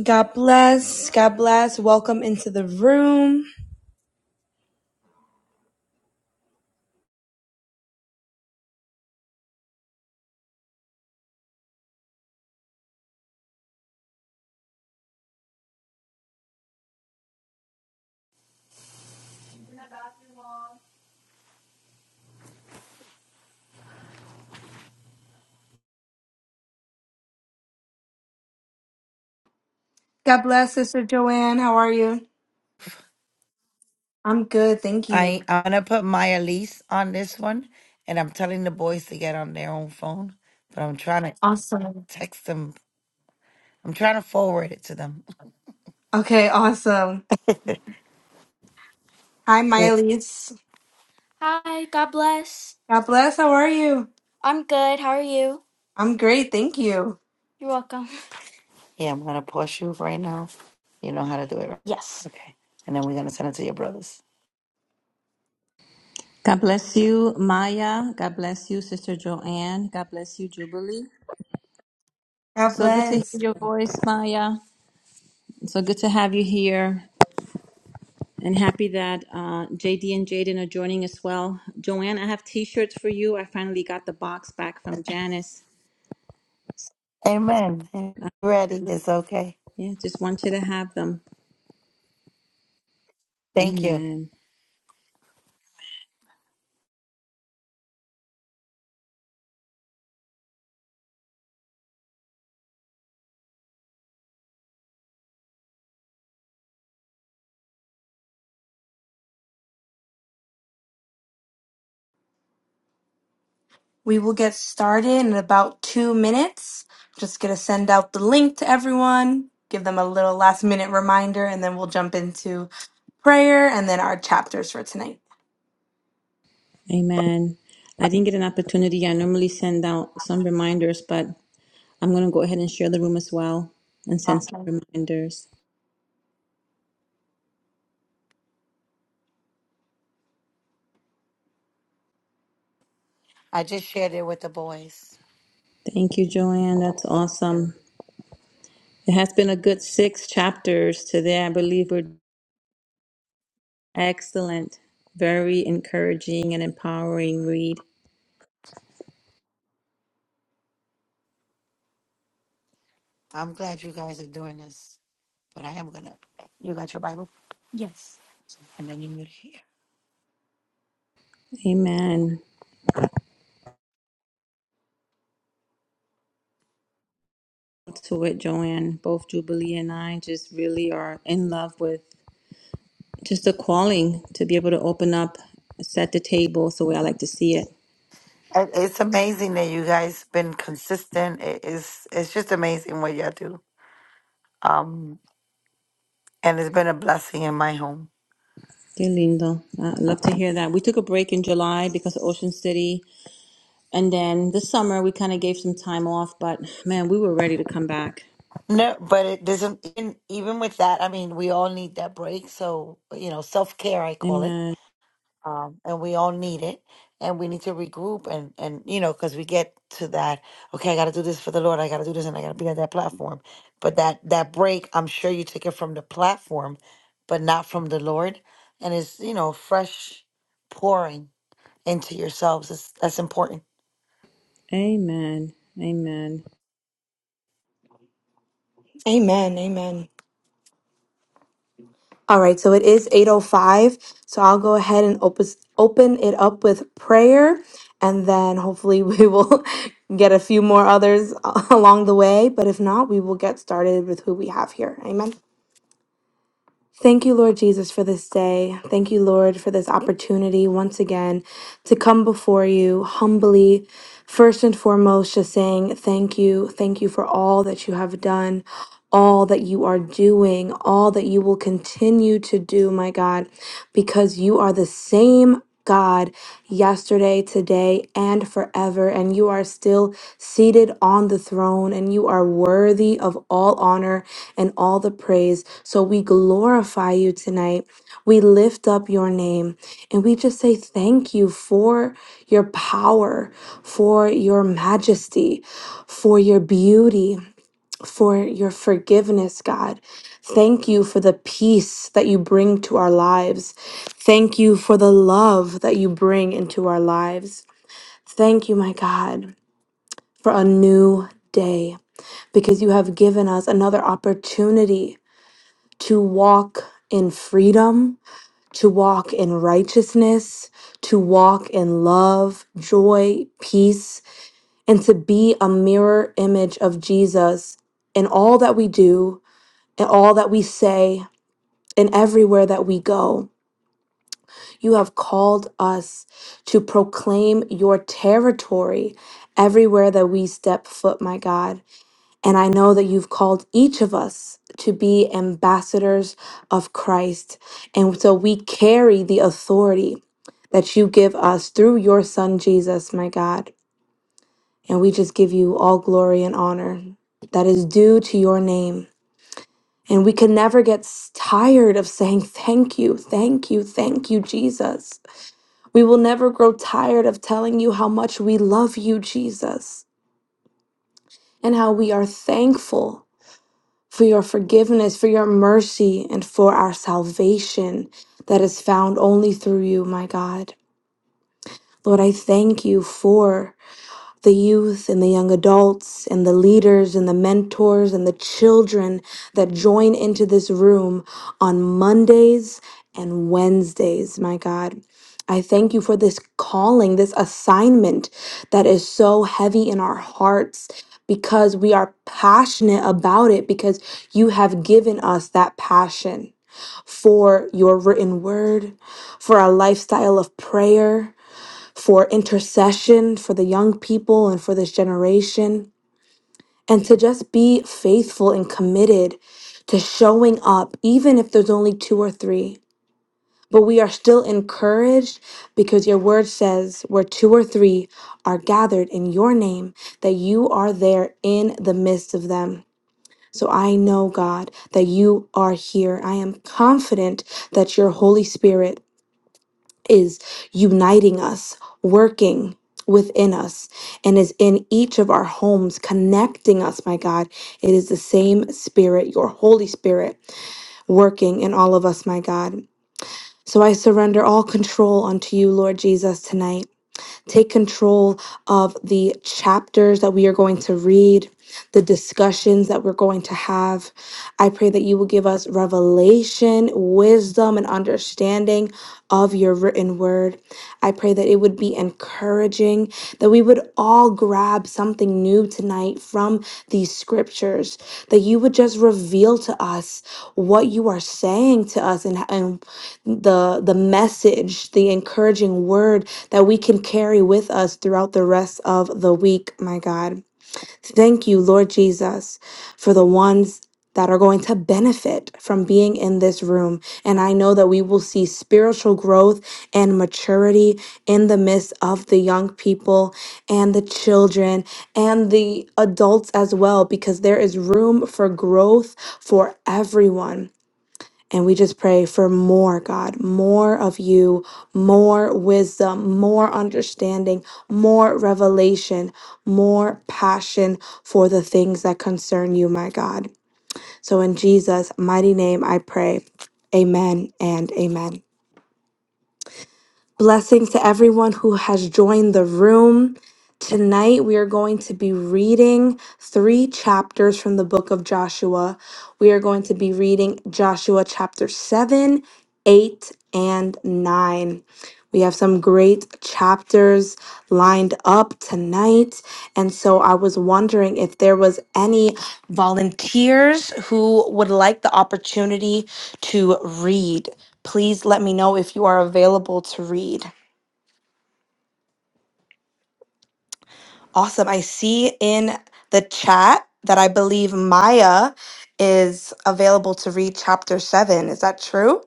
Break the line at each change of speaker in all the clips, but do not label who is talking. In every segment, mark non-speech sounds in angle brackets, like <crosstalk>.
God bless. God bless. Welcome into the room. God bless, Sister Joanne. How are you? I'm good. Thank
I
you.
I'm gonna put Maya Elise on this one, and I'm telling the boys to get on their own phone, but I'm trying to
Awesome.
text them. I'm trying to forward it to them. <laughs>
Okay, awesome. Hi, Miley's.
Hi, God bless.
God bless. How are you?
I'm good. How are you?
I'm great. Thank you.
You're welcome. Yeah, I'm gonna pause you right now. You know how to do it, right? Yes. Okay. And then we're gonna send it to your brothers.
God bless you, Maya. God bless you, Sister Joanne. God bless you, Jubilee.
God
So good to hear
bless.
your voice, Maya. So good to have you here. And happy that uh, JD and Jaden are joining as well. Joanne, I have t shirts for you. I finally got the box back from Janice.
Amen.
Uh,
Ready? It's okay.
yeah, just want you to have them.
Thank you.
Amen.
We will get started in about two minutes. Just going to send out the link to everyone, give them a little last minute reminder, and then we'll jump into prayer and then our chapters for tonight.
Amen. I didn't get an opportunity. I normally send out some reminders, but I'm going to go ahead and share the room as well and send
Awesome.
some reminders.
I just shared it with the boys.
Thank you, Joanne. That's awesome. It has been a
Amen.
good six chapters today. I believe we're excellent, very encouraging and empowering read.
I'm glad you guys are doing this. But I am gonna. You got your Bible? Yes. And then you mute here.
Amen. To it, Joanne. Both Jubilee and I just really are in love with just the calling to be able to open up, set the table. So I like to see it.
It- It's amazing that you guys been consistent. It- It's it's just amazing what y'all do. Um, and it's been a blessing in my home.
Qué lindo. Uh, love to hear that. We took a break in July because of Ocean City. And then this summer, we kind of gave some time off, but man, we were ready to come back.
No, but it doesn't. Even, even with that, I mean, we all need that break. So you know, self care, I call it.
Amen.
um, and we all need it and we need to regroup and and you know because we get to that okay i gotta do this for the lord i gotta do this and i gotta be on that platform but that that break i'm sure you took it from the platform but not from the lord and it's you know fresh pouring into yourselves it's, that's important
Amen. Amen.
Amen. Amen. All right, so it is 8:05, so I'll go ahead and open open it up with prayer and then hopefully we will <laughs> get a few more others <laughs> along the way, but if not, we will get started with who we have here. Amen. Thank you, Lord Jesus, for this day. Thank you, Lord, for this opportunity once again to come before you humbly, first and foremost, just saying thank you. Thank you for all that you have done, all that you are doing, all that you will continue to do, my God, because you are the same. God, yesterday, today, and forever. And you are still seated on the throne, and you are worthy of all honor and all the praise. So we glorify you tonight. We lift up your name, and we just say thank you for your power, for your majesty, for your beauty for your forgiveness, God. Thank you for the peace that you bring to our lives. Thank you for the love that you bring into our lives. Thank you, my God, for a new day because you have given us another opportunity to walk in freedom, to walk in righteousness, to walk in love, joy, peace, and to be a mirror image of Jesus in all that we do in all that we say and everywhere that we go. You have called us to proclaim your territory everywhere that we step foot, my God. And I know that you've called each of us to be ambassadors of Christ. And so we carry the authority that you give us through your son, Jesus, my God. And we just give you all glory and honor that is due to your name. And we can never get s- tired of saying, Thank you, thank you, thank you, Jesus. We will never grow tired of telling you how much we love you, Jesus, and how we are thankful for your forgiveness, for your mercy, and for our salvation that is found only through you, my God. Lord, I thank you for. the youth and the young adults and the leaders and the mentors and the children that join into this room on Mondays and Wednesdays, my God. I thank you for this calling, this assignment that is so heavy in our hearts because we are passionate about it, because you have given us that passion for your written word, for our lifestyle of prayer for intercession for the young people and for this generation, and to just be faithful and committed to showing up, even if there's only two or three. But we are still encouraged because your word says, where two or three are gathered in your name, that you are there in the midst of them. So I know, God, that you are here. I am confident that your Holy Spirit is uniting us, working within us, and is in each of our homes, connecting us, my God. It is the same Spirit, your Holy Spirit, working in all of us, my God. So I surrender all control unto you, Lord Jesus, tonight. Take control of the chapters that we are going to read, the discussions that we're going to have. I pray that you will give us revelation, wisdom, and understanding of your written word. I pray that it would be encouraging, that we would all grab something new tonight from these scriptures, that you would just reveal to us what you are saying to us and, and the the message, the encouraging word that we can carry with us throughout the rest of the week, my God. Thank you, Lord Jesus, for the ones. That are going to benefit from being in this room. And I know that we will see spiritual growth and maturity in the midst of the young people and the children and the adults as well, because there is room for growth for everyone. And we just pray for more, God, more of you, more wisdom, more understanding, more revelation, more passion for the things that concern you, my God. So in Jesus' mighty name, I pray. Amen and amen. Blessings to everyone who has joined the room. Tonight, we are going to be reading three chapters from the book of Joshua. We are going to be reading Joshua chapter 7, 8, and 9. We have some great chapters lined up tonight. And so I was wondering if there was any volunteers who would like the opportunity to read please let me know if you are available to read. Awesome. I see in the chat that I believe Maya is available to read chapter seven. Is that true?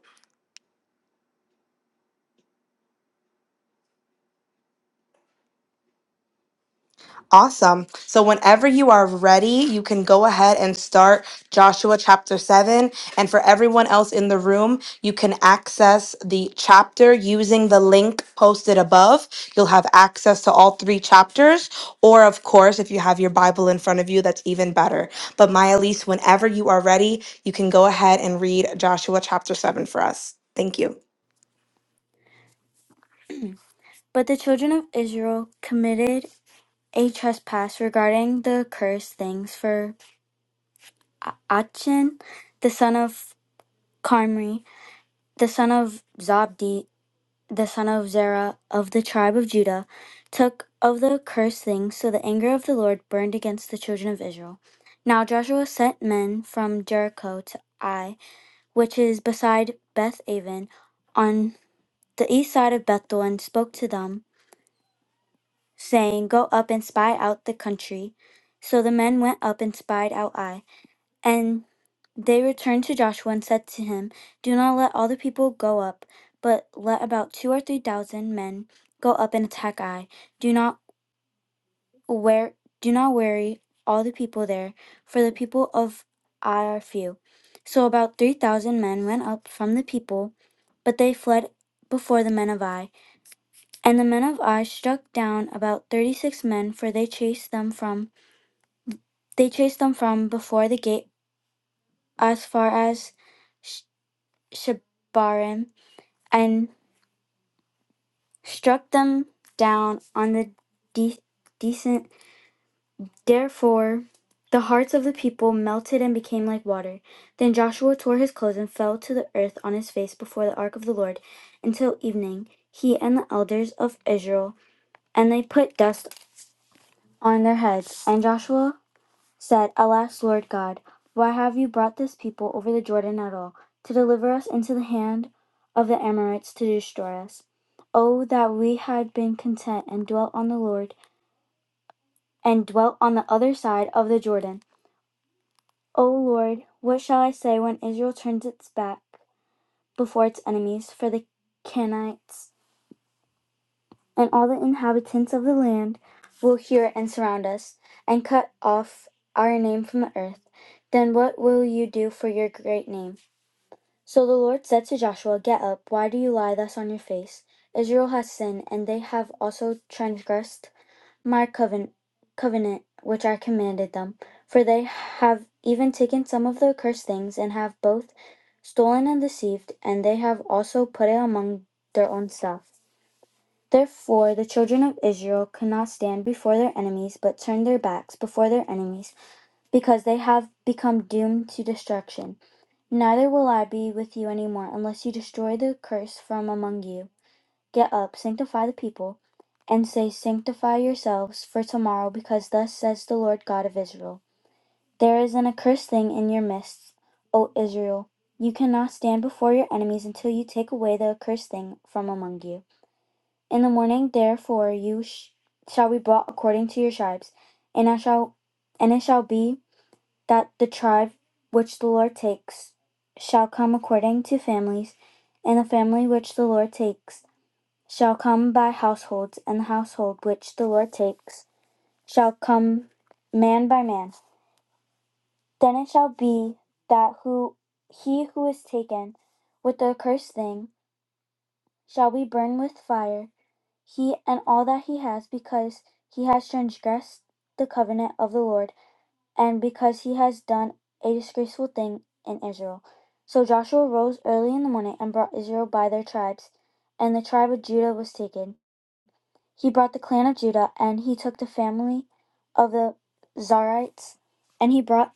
Awesome. So, whenever you are ready, you can go ahead and start Joshua chapter 7. And for everyone else in the room, you can access the chapter using the link posted above. You'll have access to all three chapters. Or, of course, if you have your Bible in front of you, that's even better. But, Maya Elise, whenever you are ready, you can go ahead and read Joshua chapter 7 for us. Thank you.
But the children of Israel committed a trespass regarding the cursed things for Achan, the son of Carmi, the son of Zabdi, the son of Zerah of the tribe of Judah, took of the accursed thing, so the anger of the Lord burned against the children of Israel. Now Joshua sent men from Jericho to Ai, which is beside Beth Aven, on the east side of Bethel, and spoke to them, saying, Go up and spy out the country. So the men went up and spied out Ai. And they returned to Joshua and said to him, Do not let all the people go up, but let about two or three thousand men go up and attack Ai. Do not wear do not worry all the people there, for the people of Ai are few. So about three thousand men went up from the people, but they fled before the men of Ai. And the men of Ai struck down about thirty six men, for they chased them from they chased them from before the gate as far as Shebarim and struck them down on the de- decent. Therefore, the hearts of the people melted and became like water. Then Joshua tore his clothes and fell to the earth on his face before the ark of the Lord until evening, he and the elders of Israel, and they put dust on their heads. And Joshua said, Alas, Lord God, why have you brought this people over the Jordan at all, to deliver us into the hand of the Amorites to destroy us? Oh, that we had been content and dwelt on the Lord, and dwelt on the other side of the Jordan. O Lord, what shall I say when Israel turns its back before its enemies? For the Canaanites and all the inhabitants of the land will hear and surround us, and cut off our name from the earth. Then what will you do for your great name? So the Lord said to Joshua, Get up, why do you lie thus on your face? Israel has sinned, and they have also transgressed my covenant, covenant which I commanded them. For they have even taken some of the accursed things, and have both stolen and deceived, and they have also put it among their own stuff. Therefore the children of Israel could not stand before their enemies, but turned their backs before their enemies, because they have become doomed to destruction. Neither will I be with you any more, unless you destroy the curse from among you. Get up, sanctify the people, and say, Sanctify yourselves for tomorrow, because thus says the Lord God of Israel There is an accursed thing in your midst, O Israel. You cannot stand before your enemies until you take away the accursed thing from among you. In the morning, therefore, you sh- shall be brought according to your tribes, and I shall, and it shall be that the tribe which the Lord takes shall come according to families, and the family which the Lord takes shall come by households, and the household which the Lord takes shall come man by man. Then it shall be that who he who is taken with the accursed thing shall be burned with fire, he and all that he has, because he has transgressed the covenant of the Lord and because he has done a disgraceful thing in Israel. So Joshua rose early in the morning and brought Israel by their tribes, and the tribe of Judah was taken. He brought the clan of Judah, and he took the family of the Zarites, and he brought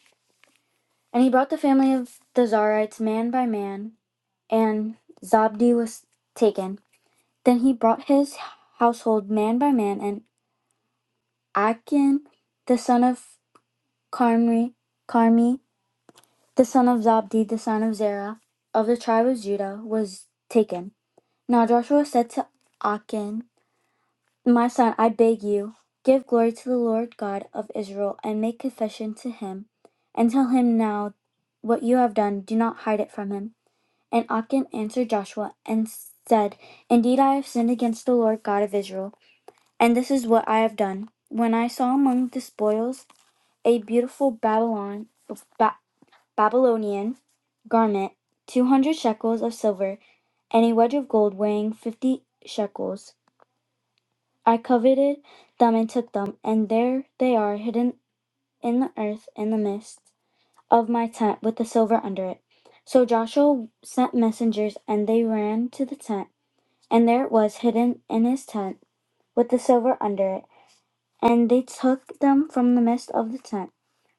and he brought the family of the Zarites man by man, and Zabdi was taken. Then he brought his household man by man, and Achan, the son of Carmi, Carmi, the son of Zabdi, the son of Zerah, of the tribe of Judah, was taken. Now Joshua said to Achan, My son, I beg you, give glory to the Lord God of Israel, and make confession to him, and tell him now what you have done. Do not hide it from him. And Achan answered Joshua and said, Indeed, I have sinned against the Lord God of Israel, and this is what I have done. When I saw among the spoils a beautiful Babylon, Ba- Babylonian garment, two hundred shekels of silver, and a wedge of gold weighing fifty shekels. I coveted them and took them, and there they are hidden in the earth in the midst of my tent with the silver under it. So Joshua sent messengers, and they ran to the tent, and there it was hidden in his tent with the silver under it. And they took them from the midst of the tent.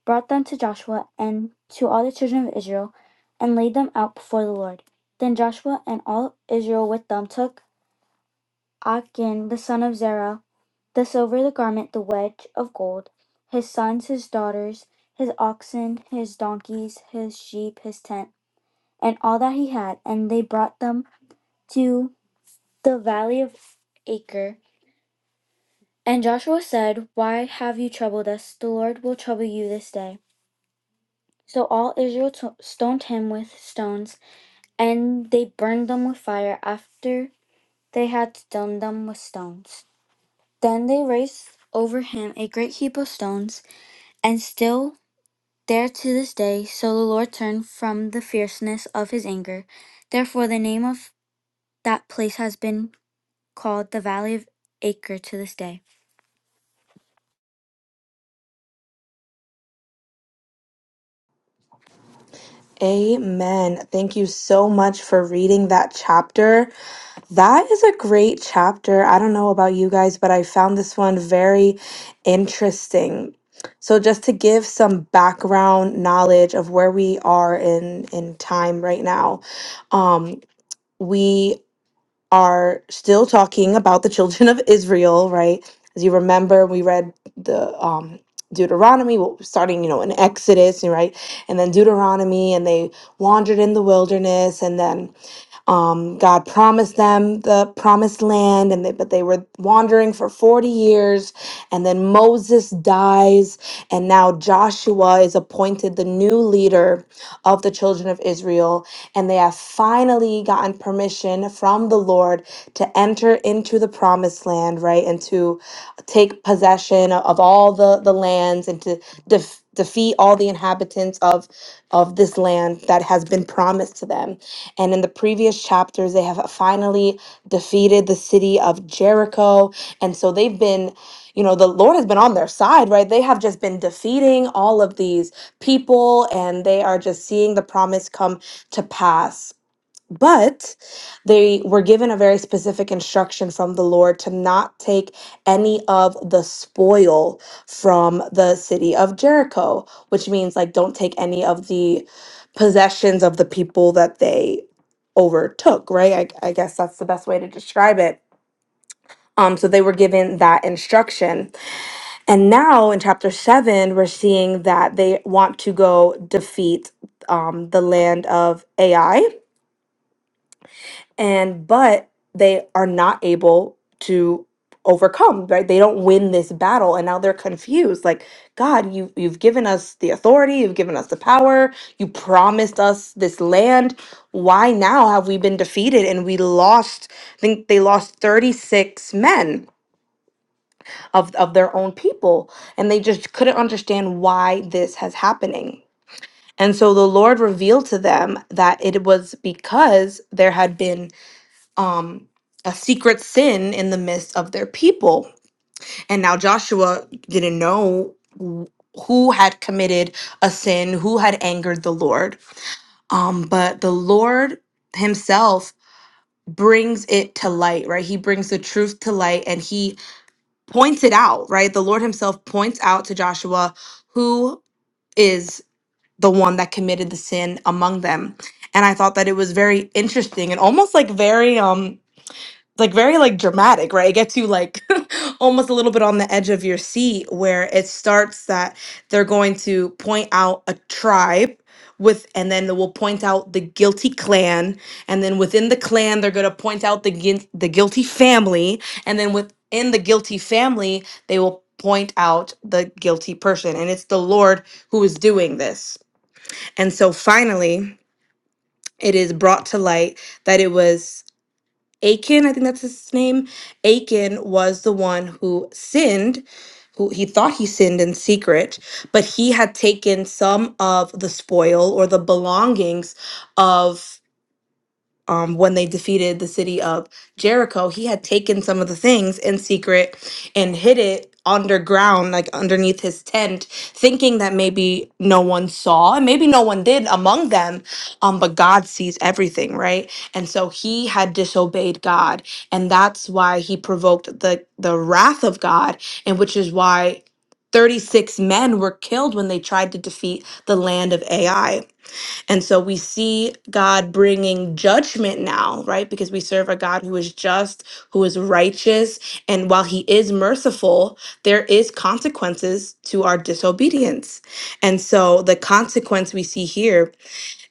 brought them to Joshua and to all the children of Israel, and laid them out before the Lord. Then Joshua and all Israel with them took Achan the son of Zerah, the silver, the garment, the wedge of gold, his sons, his daughters, his oxen, his donkeys, his sheep, his tent, and all that he had, and they brought them to the valley of Acre. And Joshua said, Why have you troubled us? The Lord will trouble you this day. So all Israel t- stoned him with stones. and they burned them with fire after they had stoned them with stones. Then they raised over him a great heap of stones, and still there to this day. So the Lord turned from the fierceness of his anger. Therefore, the name of that place has been called the Valley of Acre to this day.
Amen. Thank you so much for reading that chapter. That is a great chapter. I don't know about you guys, but I found this one very interesting. So just to give some background knowledge of where we are in in time right now. Um we are still talking about the children of Israel, right? As you remember, we read the um, Deuteronomy, well, starting, you know, in Exodus, right? And then Deuteronomy, and they wandered in the wilderness, and then um, God promised them the promised land, and they, but they were wandering for 40 years. And then Moses dies, and now Joshua is appointed the new leader of the children of Israel. And they have finally gotten permission from the Lord to enter into the promised land, right? And to take possession of all the, the lands and to def- defeat all the inhabitants of, of this land that has been promised to them. And in the previous chapters, they have finally defeated the city of Jericho. And so they've been, you know, the Lord has been on their side, right? They have just been defeating all of these people and they are just seeing the promise come to pass. But they were given a very specific instruction from the Lord to not take any of the spoil from the city of Jericho, which means like don't take any of the possessions of the people that they overtook, right? I, I guess that's the best way to describe it. Um, so they were given that instruction. And now in chapter seven, we're seeing that they want to go defeat um, the land of Ai and but they are not able to overcome right they don't win this battle and now they're confused like god you you've given us the authority you've given us the power you promised us this land why now have we been defeated and we lost i think they lost 36 men of of their own people and they just couldn't understand why this has happening and so the lord revealed to them that it was because there had been um, a secret sin in the midst of their people. And now Joshua didn't know wh- who had committed a sin, who had angered the Lord. Um, but the Lord himself brings it to light, right? He brings the truth to light and he points it out, right? The Lord himself points out to Joshua who is the one that committed the sin among them. And I thought that it was very interesting and almost like very um like very like dramatic, right? It gets you like <laughs> almost a little bit on the edge of your seat where it starts that they're going to point out a tribe with and then they will point out the guilty clan and then within the clan they're going to point out the guil- the guilty family and then within the guilty family they will point out the guilty person and it's the Lord who is doing this. And so finally it is brought to light that it was Achan, I think that's his name. Achan was the one who sinned, who he thought he sinned in secret, but he had taken some of the spoil or the belongings of um, when they defeated the city of Jericho, he had taken some of the things in secret and hid it underground, like underneath his tent, thinking that maybe no one saw and maybe no one did among them. Um, but God sees everything, right? And so he had disobeyed God, and that's why he provoked the the wrath of God, and which is why. 36 men were killed when they tried to defeat the land of Ai and so we see God bringing judgment now, right? Because we serve a God who is just, who is righteous. And while he is merciful, there is consequences to our disobedience. And so the consequence we see here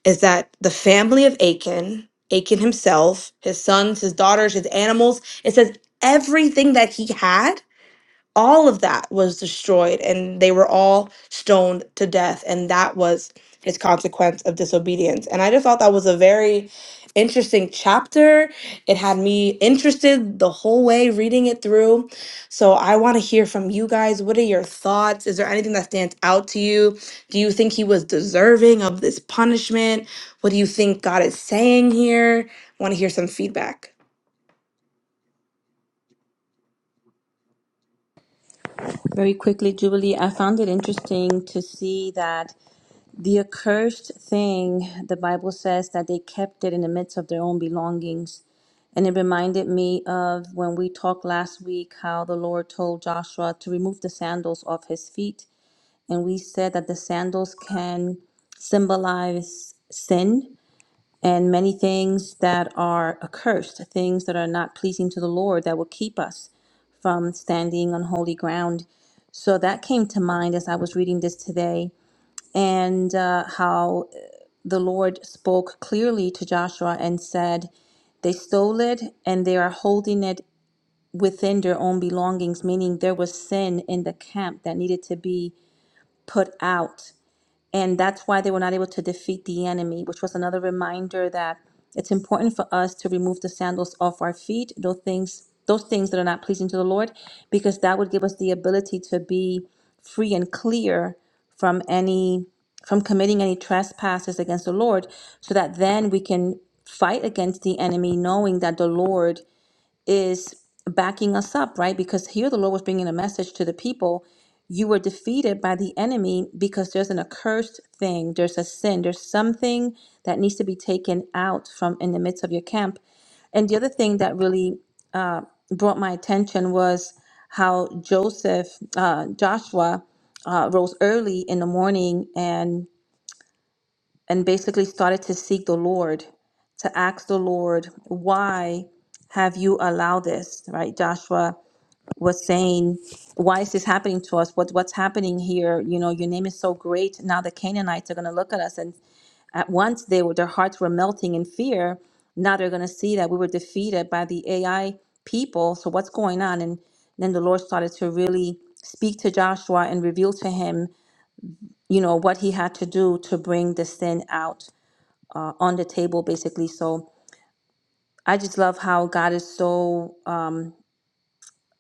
is that the family of Achan, Achan himself, his sons, his daughters, his animals, it says everything that he had all of that was destroyed and they were all stoned to death and that was his consequence of disobedience and i just thought that was a very interesting chapter it had me interested the whole way reading it through so i want to hear from you guys what are your thoughts is there anything that stands out to you do you think he was deserving of this punishment what do you think god is saying here I want to hear some feedback
Very quickly, Jubilee, I found it interesting to see that the accursed thing, the Bible says that they kept it in the midst of their own belongings. And it reminded me of when we talked last week how the Lord told Joshua to remove the sandals off his feet. And we said that the sandals can symbolize sin and many things that are accursed, things that are not pleasing to the Lord that will keep us from standing on holy ground. So that came to mind as I was reading this today, and uh, how the Lord spoke clearly to Joshua and said, They stole it and they are holding it within their own belongings, meaning there was sin in the camp that needed to be put out. And that's why they were not able to defeat the enemy, which was another reminder that it's important for us to remove the sandals off our feet, those things, those things that are not pleasing to the Lord, because that would give us the ability to be free and clear from any from committing any trespasses against the Lord, so that then we can fight against the enemy, knowing that the Lord is backing us up, right? Because here the Lord was bringing a message to the people. You were defeated by the enemy because there's an accursed thing, there's a sin, there's something that needs to be taken out from in the midst of your camp. And the other thing that really uh, brought my attention was how Joseph, uh, Joshua, uh, rose early in the morning and and basically started to seek the Lord, to ask the Lord, why have you allowed this? Right? Joshua was saying, why is this happening to us? What what's happening here? You know, your name is so great. Now the Canaanites are going to look at us, and at once they were their hearts were melting in fear. Now they're going to see that we were defeated by the AI people. So what's going on? And then the Lord started to really speak to Joshua and reveal to him, you know, what he had to do to bring the sin out uh, on the table, basically. So I just love how God is so um,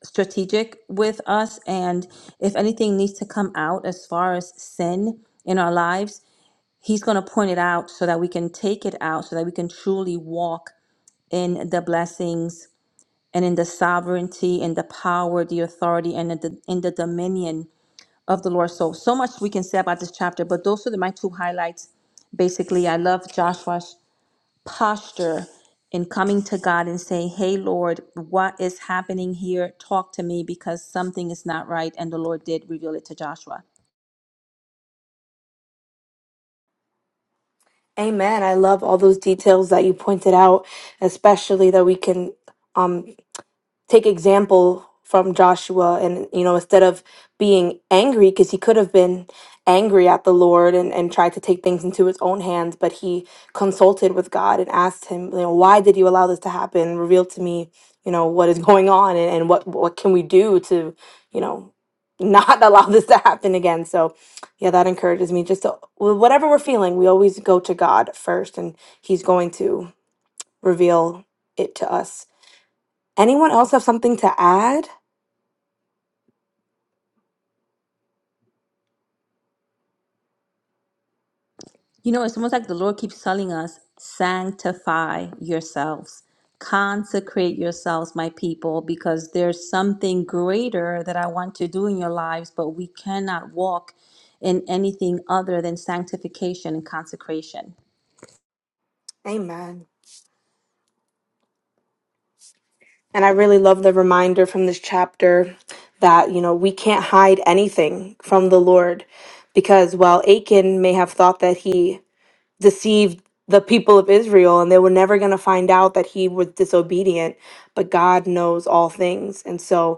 strategic with us. And if anything needs to come out as far as sin in our lives, He's going to point it out so that we can take it out, so that we can truly walk in the blessings and in the sovereignty and the power, the authority, and the, in the dominion of the Lord. So, so much we can say about this chapter, but those are the, my two highlights basically i love joshua posture in coming to God and say, Hey, Lord, what is happening here? Talk to me because something is not right. And the Lord did reveal it to Joshua.
Amen. I love all those details that you pointed out, especially that we can um take example from Joshua and you know instead of being angry because he could have been angry at the Lord and and tried to take things into his own hands but he consulted with God and asked him you know why did you allow this to happen reveal to me you know what is <laughs> going on and, and what what can we do to you know not <laughs> allow this to happen again so yeah that encourages me just to, with whatever we're feeling we always go to God first and he's going to reveal it to us Anyone else have something to add?
You know, it's almost like the Lord keeps telling us, Sanctify yourselves, consecrate yourselves, my people, because there's something greater that I want to do in your lives, but we cannot walk in anything other than sanctification and consecration.
Amen. And I really love the reminder from this chapter that, you know, we can't hide anything from the Lord because while Achan may have thought that he deceived the people of Israel and they were never going to find out that he was disobedient, but God knows all things. And so,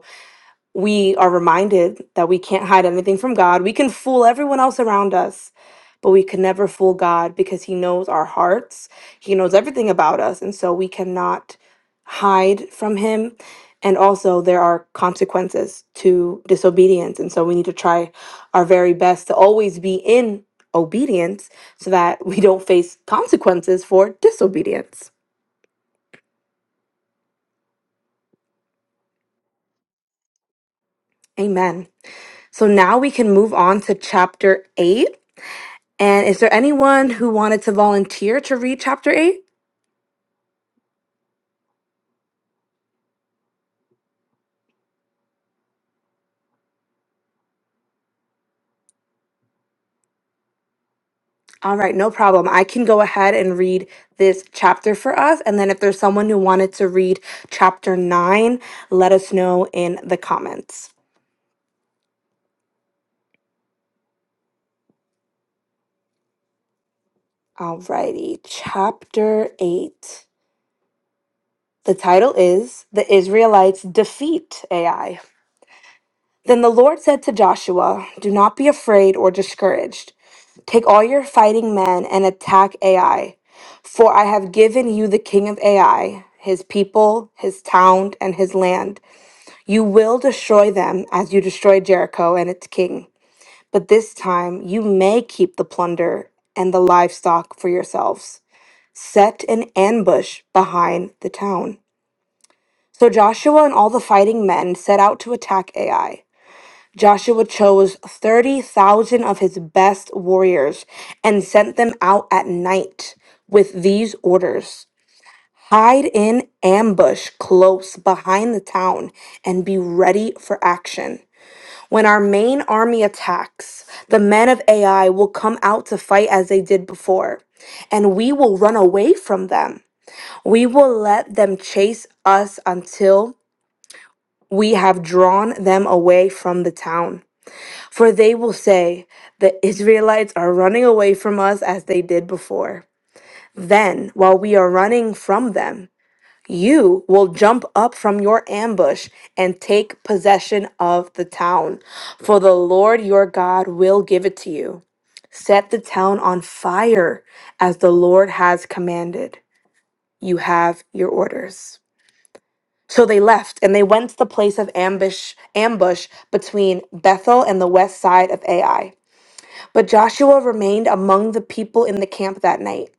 we are reminded that we can't hide anything from God. We can fool everyone else around us, but we can never fool God because He knows our hearts. He knows everything about us. And so we cannot hide from Him. And also, there are consequences to disobedience. And so we need to try our very best to always be in obedience so that we don't face consequences for disobedience. Amen. So now we can move on to chapter 8 And is there anyone who wanted to volunteer to read chapter 8? All right, no problem. I can go ahead and read this chapter for us. And then if there's someone who wanted to read chapter 9, let us know in the comments. All righty, chapter 8. The title is The Israelites Defeat AI. Then the Lord said to Joshua, Do not be afraid or discouraged. Take all your fighting men and attack Ai, for I have given you the king of Ai, his people, his town, and his land. You will destroy them as you destroyed Jericho and its king. But this time you may keep the plunder and the livestock for yourselves. Set an ambush behind the town. So Joshua and all the fighting men set out to attack Ai. Joshua chose 30,000 of his best warriors and sent them out at night with these orders Hide in ambush close behind the town and be ready for action. When our main army attacks, the men of Ai will come out to fight as they did before, and we will run away from them. We will let them chase us until we have drawn them away from the town. For they will say, The Israelites are running away from us as they did before. Then, while we are running from them, you will jump up from your ambush and take possession of the town, for the Lord your God will give it to you. Set the town on fire as the Lord has commanded. You have your orders. So they left and they went to the place of ambush ambush between Bethel and the west side of Ai. But Joshua remained among the people in the camp that night.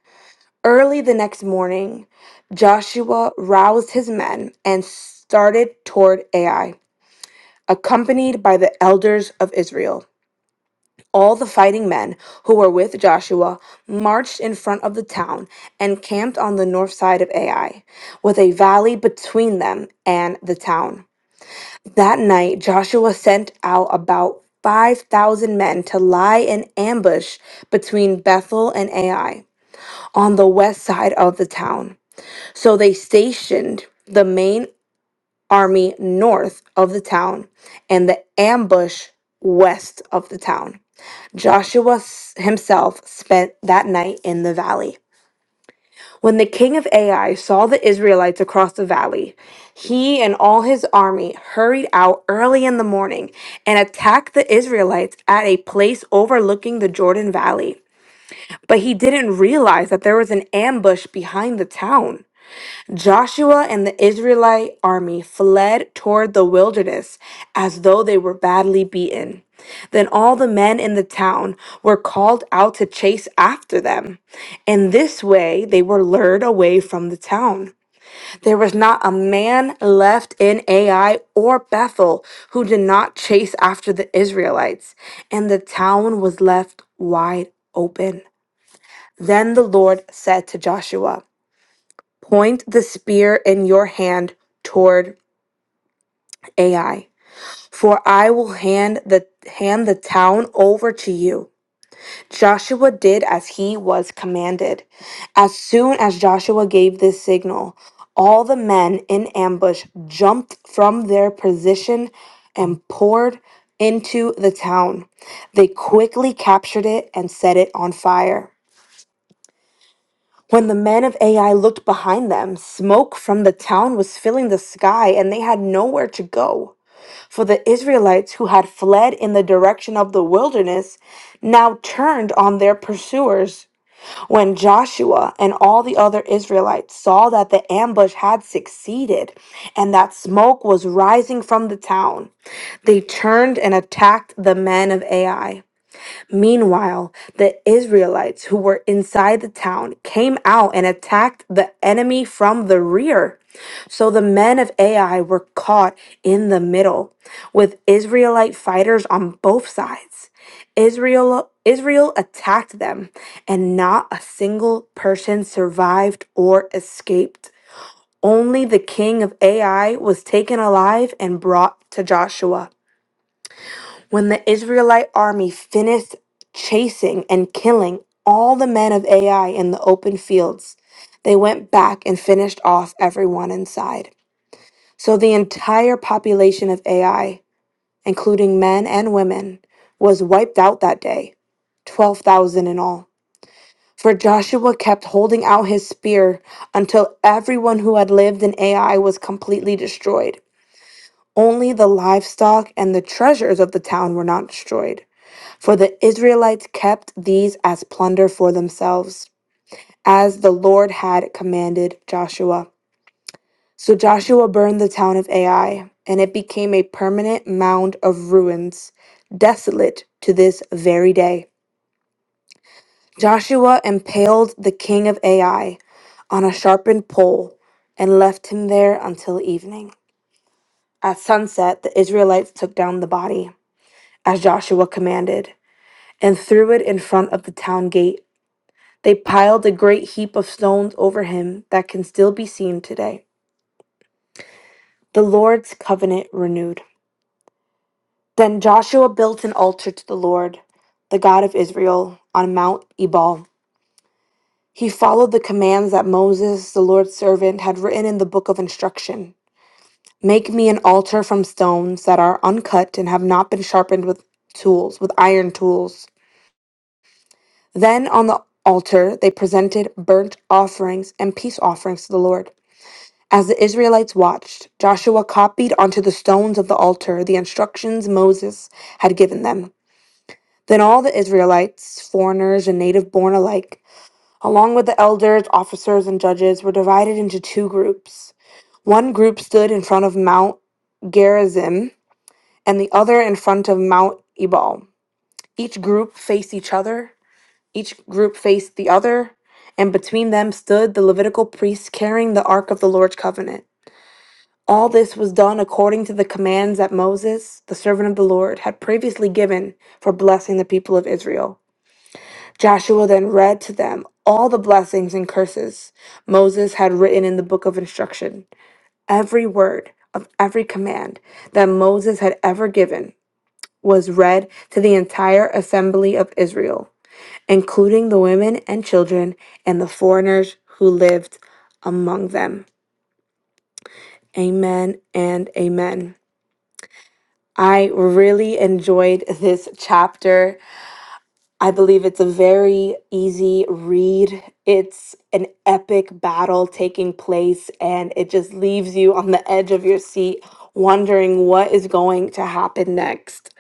Early the next morning, Joshua roused his men and started toward Ai, accompanied by the elders of Israel. All the fighting men who were with Joshua marched in front of the town and camped on the north side of Ai, with a valley between them and the town. That night, Joshua sent out about 5,000 men to lie in ambush between Bethel and Ai on the west side of the town. So they stationed the main army north of the town and the ambush west of the town. Joshua s- himself spent that night in the valley. When the king of Ai saw the Israelites across the valley, he and all his army hurried out early in the morning and attacked the Israelites at a place overlooking the Jordan Valley. But he didn't realize that there was an ambush behind the town. Joshua and the Israelite army fled toward the wilderness as though they were badly beaten. Then all the men in the town were called out to chase after them. In this way, they were lured away from the town. There was not a man left in Ai or Bethel who did not chase after the Israelites, and the town was left wide open. Then the Lord said to Joshua, Point the spear in your hand toward Ai, for I will hand the hand the town over to you. Joshua did as he was commanded. As soon as Joshua gave this signal, all the men in ambush jumped from their position and poured into the town. They quickly captured it and set it on fire. When the men of Ai looked behind them, smoke from the town was filling the sky, and they had nowhere to go. For the Israelites who had fled in the direction of the wilderness now turned on their pursuers. When Joshua and all the other Israelites saw that the ambush had succeeded and that smoke was rising from the town, they turned and attacked the men of Ai. Meanwhile, the Israelites who were inside the town came out and attacked the enemy from the rear. So the men of Ai were caught in the middle with Israelite fighters on both sides. Israel Israel attacked them and not a single person survived or escaped. Only the king of Ai was taken alive and brought to Joshua. When the Israelite army finished chasing and killing all the men of Ai in the open fields, they went back and finished off everyone inside. So the entire population of Ai, including men and women, was wiped out that day 12,000 in all. For Joshua kept holding out his spear until everyone who had lived in Ai was completely destroyed. Only the livestock and the treasures of the town were not destroyed. For the Israelites kept these as plunder for themselves, as the Lord had commanded Joshua. So Joshua burned the town of Ai, and it became a permanent mound of ruins, desolate to this very day. Joshua impaled the king of Ai on a sharpened pole and left him there until evening. At sunset, the Israelites took down the body, as Joshua commanded, and threw it in front of the town gate. They piled a great heap of stones over him that can still be seen today. The Lord's covenant renewed. Then Joshua built an altar to the Lord, the God of Israel, on Mount Ebal. He followed the commands that Moses, the Lord's servant, had written in the book of instruction Make me an altar from stones that are uncut and have not been sharpened with tools, with iron tools. Then on the altar they presented burnt offerings and peace offerings to the Lord. As the Israelites watched, Joshua copied onto the stones of the altar the instructions Moses had given them. Then all the Israelites, foreigners and native born alike, along with the elders, officers, and judges, were divided into two groups. One group stood in front of Mount Gerizim, and the other in front of Mount Ebal. Each group faced each other, each group faced the other, and between them stood the Levitical priests carrying the Ark of the Lord's covenant. All this was done according to the commands that Moses, the servant of the Lord, had previously given for blessing the people of Israel. Joshua then read to them all the blessings and curses Moses had written in the book of instruction. Every word of every command that Moses had ever given was read to the entire assembly of Israel, including the women and children and the foreigners who lived among them. Amen and amen. I really enjoyed this chapter. I believe it's a very easy read. It's an epic battle taking place, and it just leaves you on the edge of your seat wondering what is going to happen next.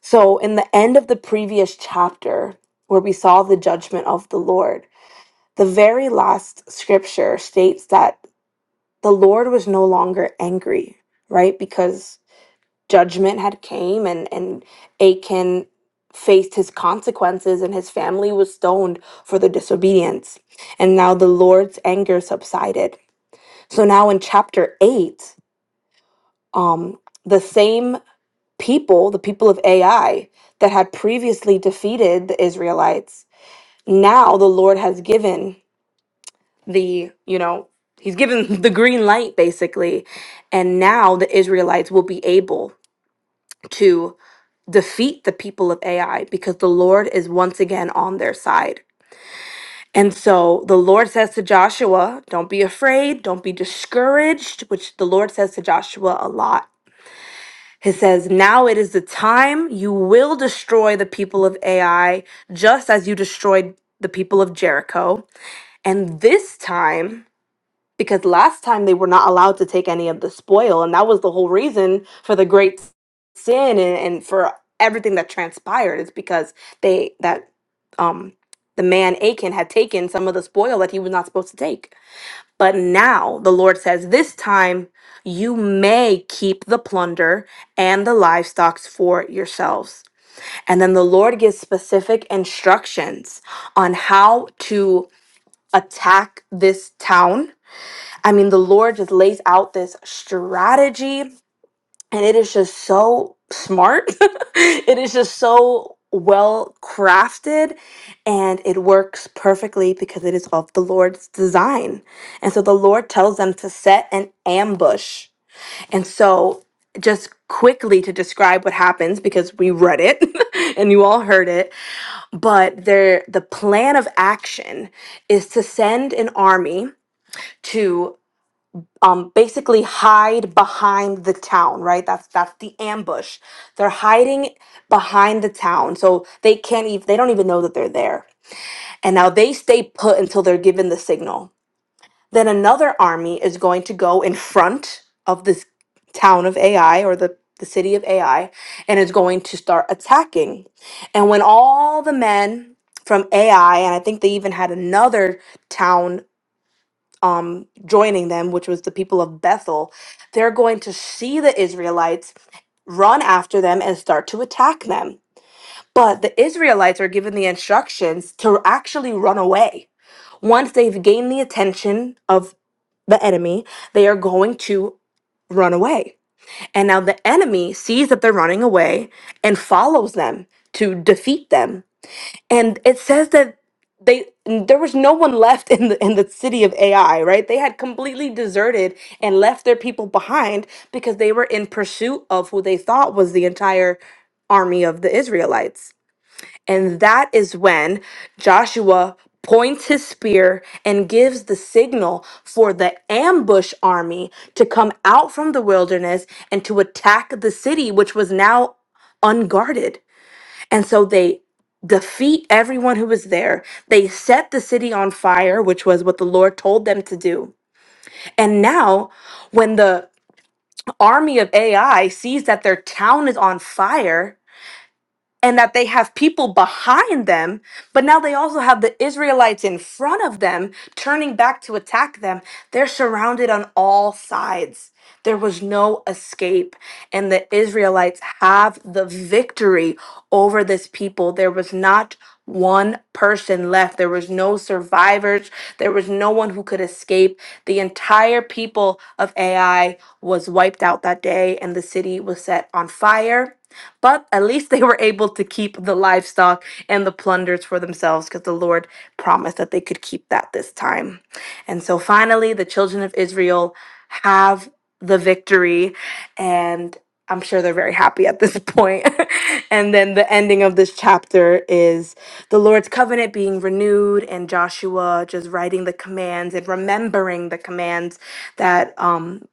So, in the end of the previous chapter, where we saw the judgment of the Lord, the very last scripture states that the Lord was no longer angry, right? Because judgment had came and and Achan faced his consequences and his family was stoned for the disobedience and now the Lord's anger subsided so now in chapter 8 um the same people the people of AI that had previously defeated the Israelites now the Lord has given the you know he's given <laughs> the green light basically and now the Israelites will be able to defeat the people of Ai because the Lord is once again on their side. And so the Lord says to Joshua, Don't be afraid, don't be discouraged, which the Lord says to Joshua a lot. He says, Now it is the time you will destroy the people of Ai, just as you destroyed the people of Jericho. And this time, because last time they were not allowed to take any of the spoil and that was the whole reason for the great sin and, and for everything that transpired It's because they that um the man achan had taken some of the spoil that he was not supposed to take but now the lord says this time you may keep the plunder and the livestock for yourselves and then the lord gives specific instructions on how to attack this town I mean, the Lord just lays out this strategy, and it is just so smart. <laughs> it is just so well crafted, and it works perfectly because it is of the Lord's design. And so the Lord tells them to set an ambush. And so, just quickly to describe what happens because we read it <laughs> and you all heard it, but there the plan of action is to send an army to um, basically hide behind the town, right? That's that's the ambush. They're hiding behind the town, so they can't even they don't even know that they're there. And now they stay put until they're given the signal. Then another army is going to go in front of this town of AI or the the city of AI and is going to start attacking. And when all the men from AI and I think they even had another town um, joining them, which was the people of Bethel, they're going to see the Israelites run after them and start to attack them. But the Israelites are given the instructions to actually run away. Once they've gained the attention of the enemy, they are going to run away. And now the enemy sees that they're running away and follows them to defeat them and it says that they there was no one left in the in the city of AI, right? They had completely deserted and left their people behind because they were in pursuit of who they thought was the entire army of the Israelites. And that is when Joshua points his spear and gives the signal for the ambush army to come out from the wilderness and to attack the city which was now unguarded and so they defeat everyone who was there. They set the city on fire, which was what the Lord told them to do. And now, when the army of AI sees that their town is on fire, and that they have people behind them, but now they also have the Israelites in front of them turning back to attack them. They're surrounded on all sides. There was no escape, and the Israelites have the victory over this people. There was not one person left. There was no survivors. There was no one who could escape. The entire people of AI was wiped out that day, and the city was set on fire but at least they were able to keep the livestock and the plunders for themselves because the Lord promised that they could keep that this time. And so finally, the children of Israel have the victory, and I'm sure they're very happy at this point. <laughs> and then the ending of this chapter is the Lord's covenant being renewed, and Joshua just writing the commands and remembering the commands that um,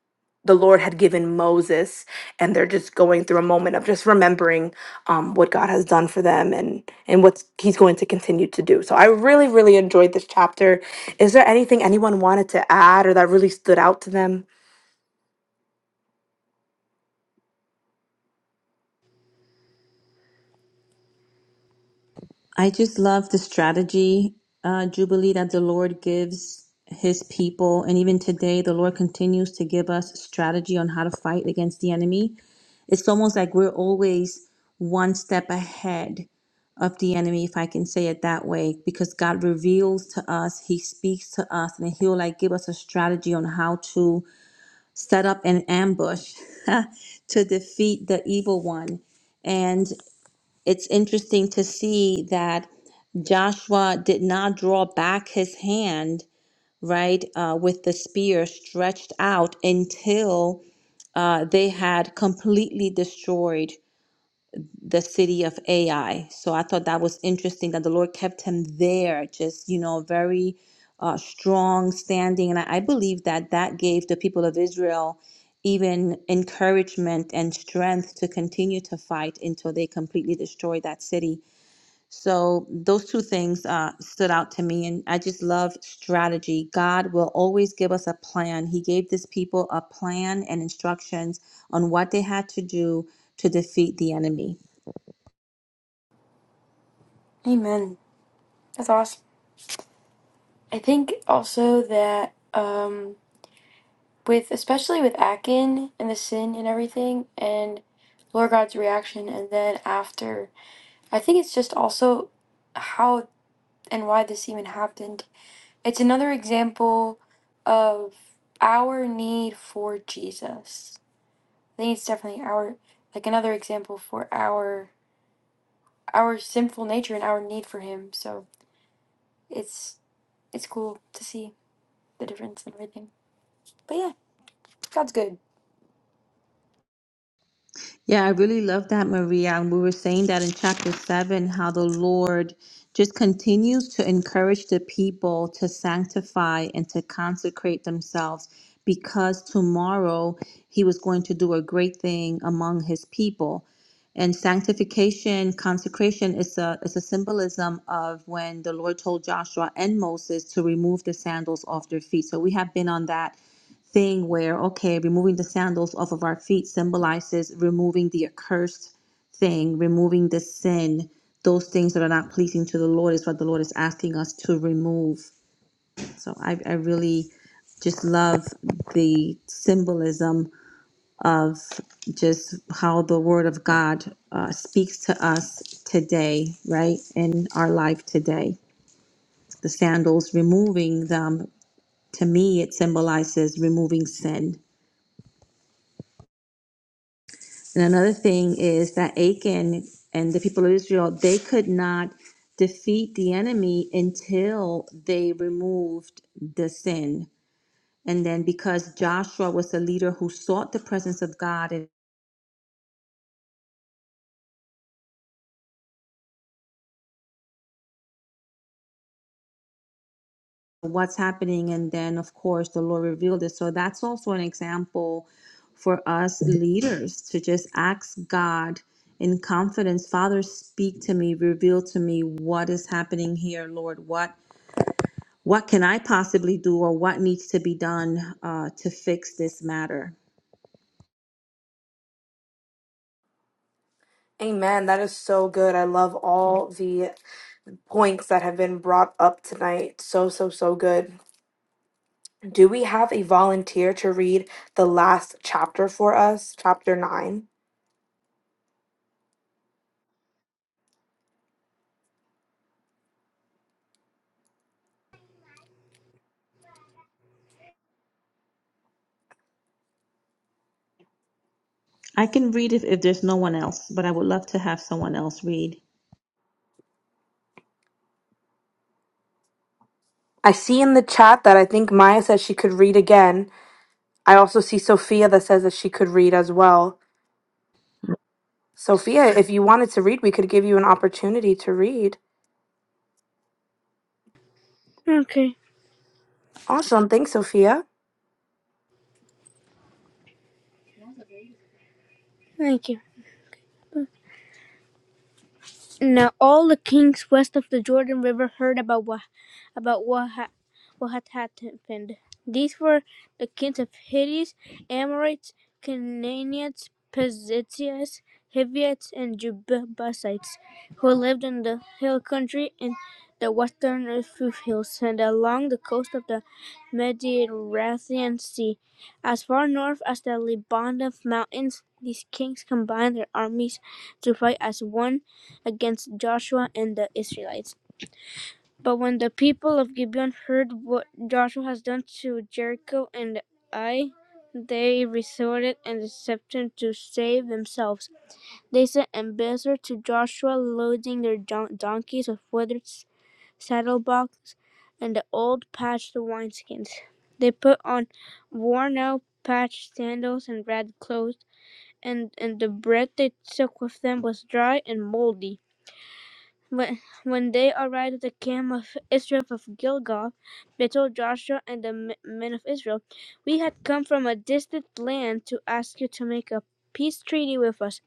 the Lord had given Moses and they're just going through a moment of just remembering um, what God has done for them and and what He's going to continue to do. So I really, really enjoyed this chapter. Is there anything anyone wanted to add or that really stood out to them?
I just love the strategy, uh, Jubilee, that the Lord gives his people. And even today, the Lord continues to give us strategy on how to fight against the enemy. It's almost like we're always one step ahead of the enemy, if I can say it that way, because God reveals to us, he speaks to us, and he'll like give us a strategy on how to set up an ambush <laughs> to defeat the evil one. It's interesting to see that Joshua did not draw back his hand, right, uh, with the spear stretched out until uh, they had completely destroyed the city of Ai. So I thought that was interesting that the Lord kept him there, just, you know, very uh, strong standing. And I, I believe that that gave the people of Israel even encouragement and strength to continue to fight until they completely destroyed that city. So those two things uh, stood out to me, and I just love strategy. God will always give us a plan. He gave this people a plan and instructions on what they had to do to defeat the enemy.
Amen. That's awesome. I think also that um, with especially with Akin and the sin and everything, and Lord God's reaction, and then after, I think it's just also how and why this even happened. It's another example of our need for Jesus. I think it's definitely our like another example for our our sinful nature and our need for Him. So it's it's cool to see the difference and everything. But yeah. God's good.
Yeah, I really love that, Maria. And we were saying that in chapter seven, how the Lord just continues to encourage the people to sanctify and to consecrate themselves because tomorrow he was going to do a great thing among his people. And sanctification, consecration is a is a symbolism of when the Lord told Joshua and Moses to remove the sandals off their feet. So we have been on that thing where okay removing the sandals off of our feet symbolizes removing the accursed thing removing the sin those things that are not pleasing to the lord is what the lord is asking us to remove so i, I really just love the symbolism of just how the word of god uh, speaks to us today right in our life today the sandals removing them to me it symbolizes removing sin And another thing is that Achan and the people of Israel, they could not defeat the enemy until they removed the sin. And then because Joshua was the leader who sought the presence of God and what's happening, and then of course the Lord revealed it. So that's also an example for us leaders to just ask God in confidence, Father, speak to me, reveal to me what is happening here, Lord. What What can I possibly do or what needs to be done uh, to fix this matter?
Amen. That is so good. I love all the points that have been brought up tonight. So, so, so good. Do we have a volunteer to read the last chapter for us, chapter nine?
I can read if, if there's no one else, but I would love to have someone else read.
I see in the chat that I think Maya said she could read again. I also see Sophia that says that she could read as well. Sophia, if you wanted to read, we could give you an opportunity to read.
Okay,
Awesome. Thanks, Sophia.
thank you. Now all the kings west of the Jordan River heard about what about what ha- what had happened. These were the kings of Hittites, Amorites, Canaanites, Perizzites, Hivites, and Jebusites, who lived in the hill country in the western Ruf hills and along the coast of the Mediterranean Sea. As far north as the Lebanon mountains, these kings combined their armies to fight as one against Joshua and the Israelites. But when the people of Gibeon heard what Joshua has done to Jericho and Ai, they resorted and deception to save themselves. They sent ambassadors to Joshua, loading their don- donkeys with withered s- saddlebags and the old patched wineskins. They put on worn-out patched sandals and ragged clothes, and, and the bread they took with them was dry and moldy. When, when they arrived at the camp of Israel of Gilgal, they told Joshua and the men of Israel, We had come from a distant land to ask you to make a peace treaty with us.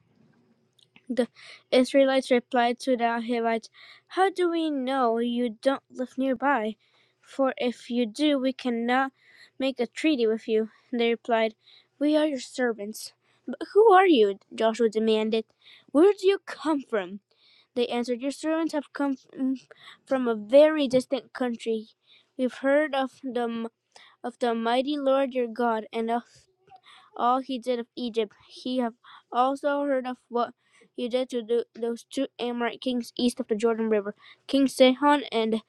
The Israelites replied to the Hivites, How do we know you don't live nearby? For if you do, we cannot make a treaty with you. They replied, We are your servants. But who are you? Joshua demanded. Where do you come from? They answered, Your servants have come from a very distant country. We've heard of the, of the mighty Lord your God and of all he did of Egypt. He have also heard of what he did to tho- those two Amorite kings east of the Jordan River, King Sihon and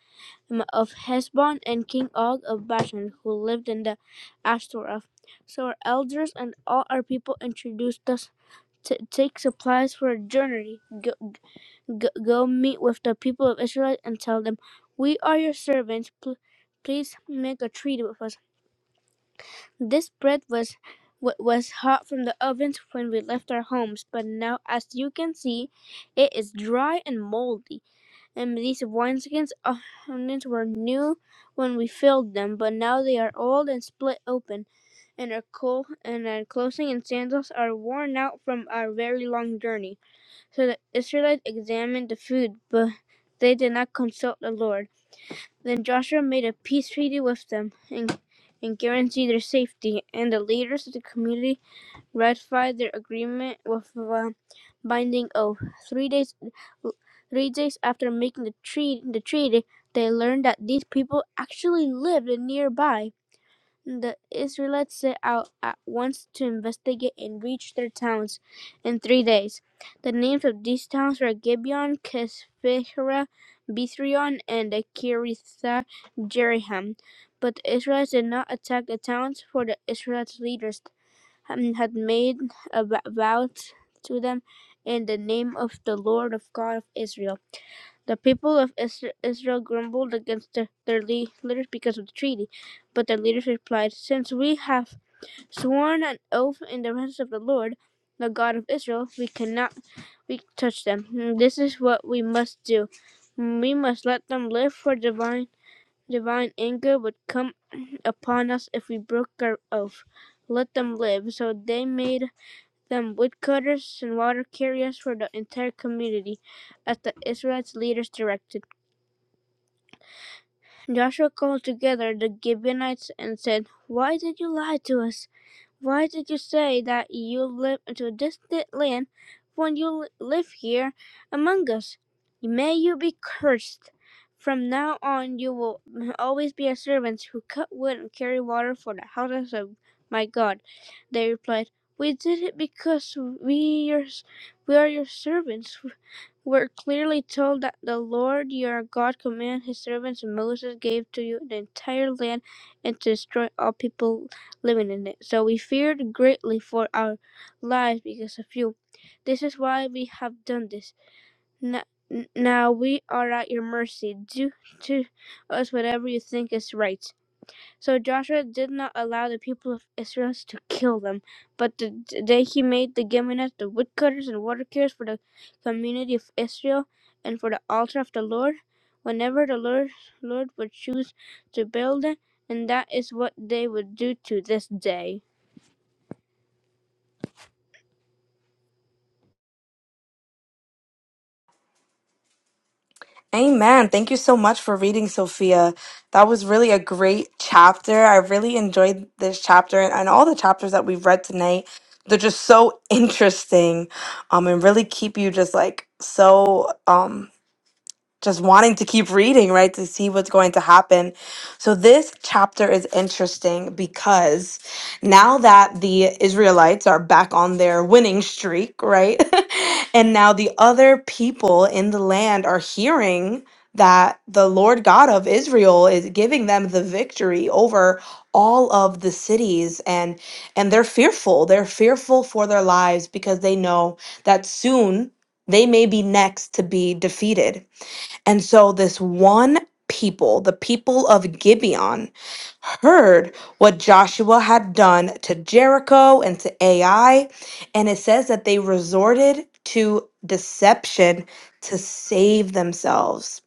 um, of Heshbon, and King Og of Bashan, who lived in the Ashtoreth. So our elders and all our people introduced us to take supplies for a journey. G- go meet with the people of Israel and tell them, We are your servants. Pl- please make a treaty with us. This bread was wa- was hot from the ovens when we left our homes, but now, as you can see, it is dry and moldy. And these wineskins uh, onions were new when we filled them, but now they are old and split open, and are cold, and our clothing and sandals are worn out from our very long journey. So the Israelites examined the food, but they did not consult the Lord. Then Joshua made a peace treaty with them and, and guaranteed their safety, and the leaders of the community ratified their agreement with a binding oath. Three days, three days after making the treaty, the treaty, they learned that these people actually lived nearby. The Israelites set out at once to investigate and reached their towns in three days. The names of these towns were Gibeon, Kisphera, Bithrion, and Kiritha Jeriham. But the Israelites did not attack the towns, for the Israelites' leaders um, had made a vow to them in the name of the Lord of God of Israel. The people of Israel grumbled against their leaders because of the treaty, but their leaders replied, Since we have sworn an oath in the presence of the Lord, the God of Israel, we cannot we touch them. This is what we must do. We must let them live, for divine divine anger would come upon us if we broke our oath. Let them live. So they made them woodcutters and water carriers for the entire community, as the Israelites' leaders directed. Joshua called together the Gibeonites and said, Why did you lie to us? Why did you say that you live into a distant land when you live here among us? May you be cursed. From now on, you will always be a servant who cut wood and carry water for the houses of my God. They replied, We did it because we, your, we are your servants. We're clearly told that the Lord your God commanded his servants and Moses gave to you the entire land and to destroy all people living in it. So we feared greatly for our lives because of you. This is why we have done this. N- Now we are at your mercy. Do to us whatever you think is right. So Joshua did not allow the people of Israel to kill them, but the the day he made the Gibeonites the woodcutters and water carriers for the community of Israel and for the altar of the Lord, whenever the Lord Lord would choose to build it, and that is what they would do to this day.
Amen. Thank you so much for reading, Sophia. That was really a great chapter. I really enjoyed this chapter and, and all the chapters that we've read tonight. They're just so <laughs> interesting um, and really keep you just like so. um. just wanting to keep reading, right, to see what's going to happen. So this chapter is interesting because now that the Israelites are back on their winning streak, right, <laughs> and now the other people in the land are hearing that the Lord God of Israel is giving them the victory over all of the cities and and they're fearful they're fearful for their lives because they know that soon they may be next to be defeated and so this one people, the people of Gibeon, heard what Joshua had done to Jericho and to Ai. And it says that they resorted to deception to save themselves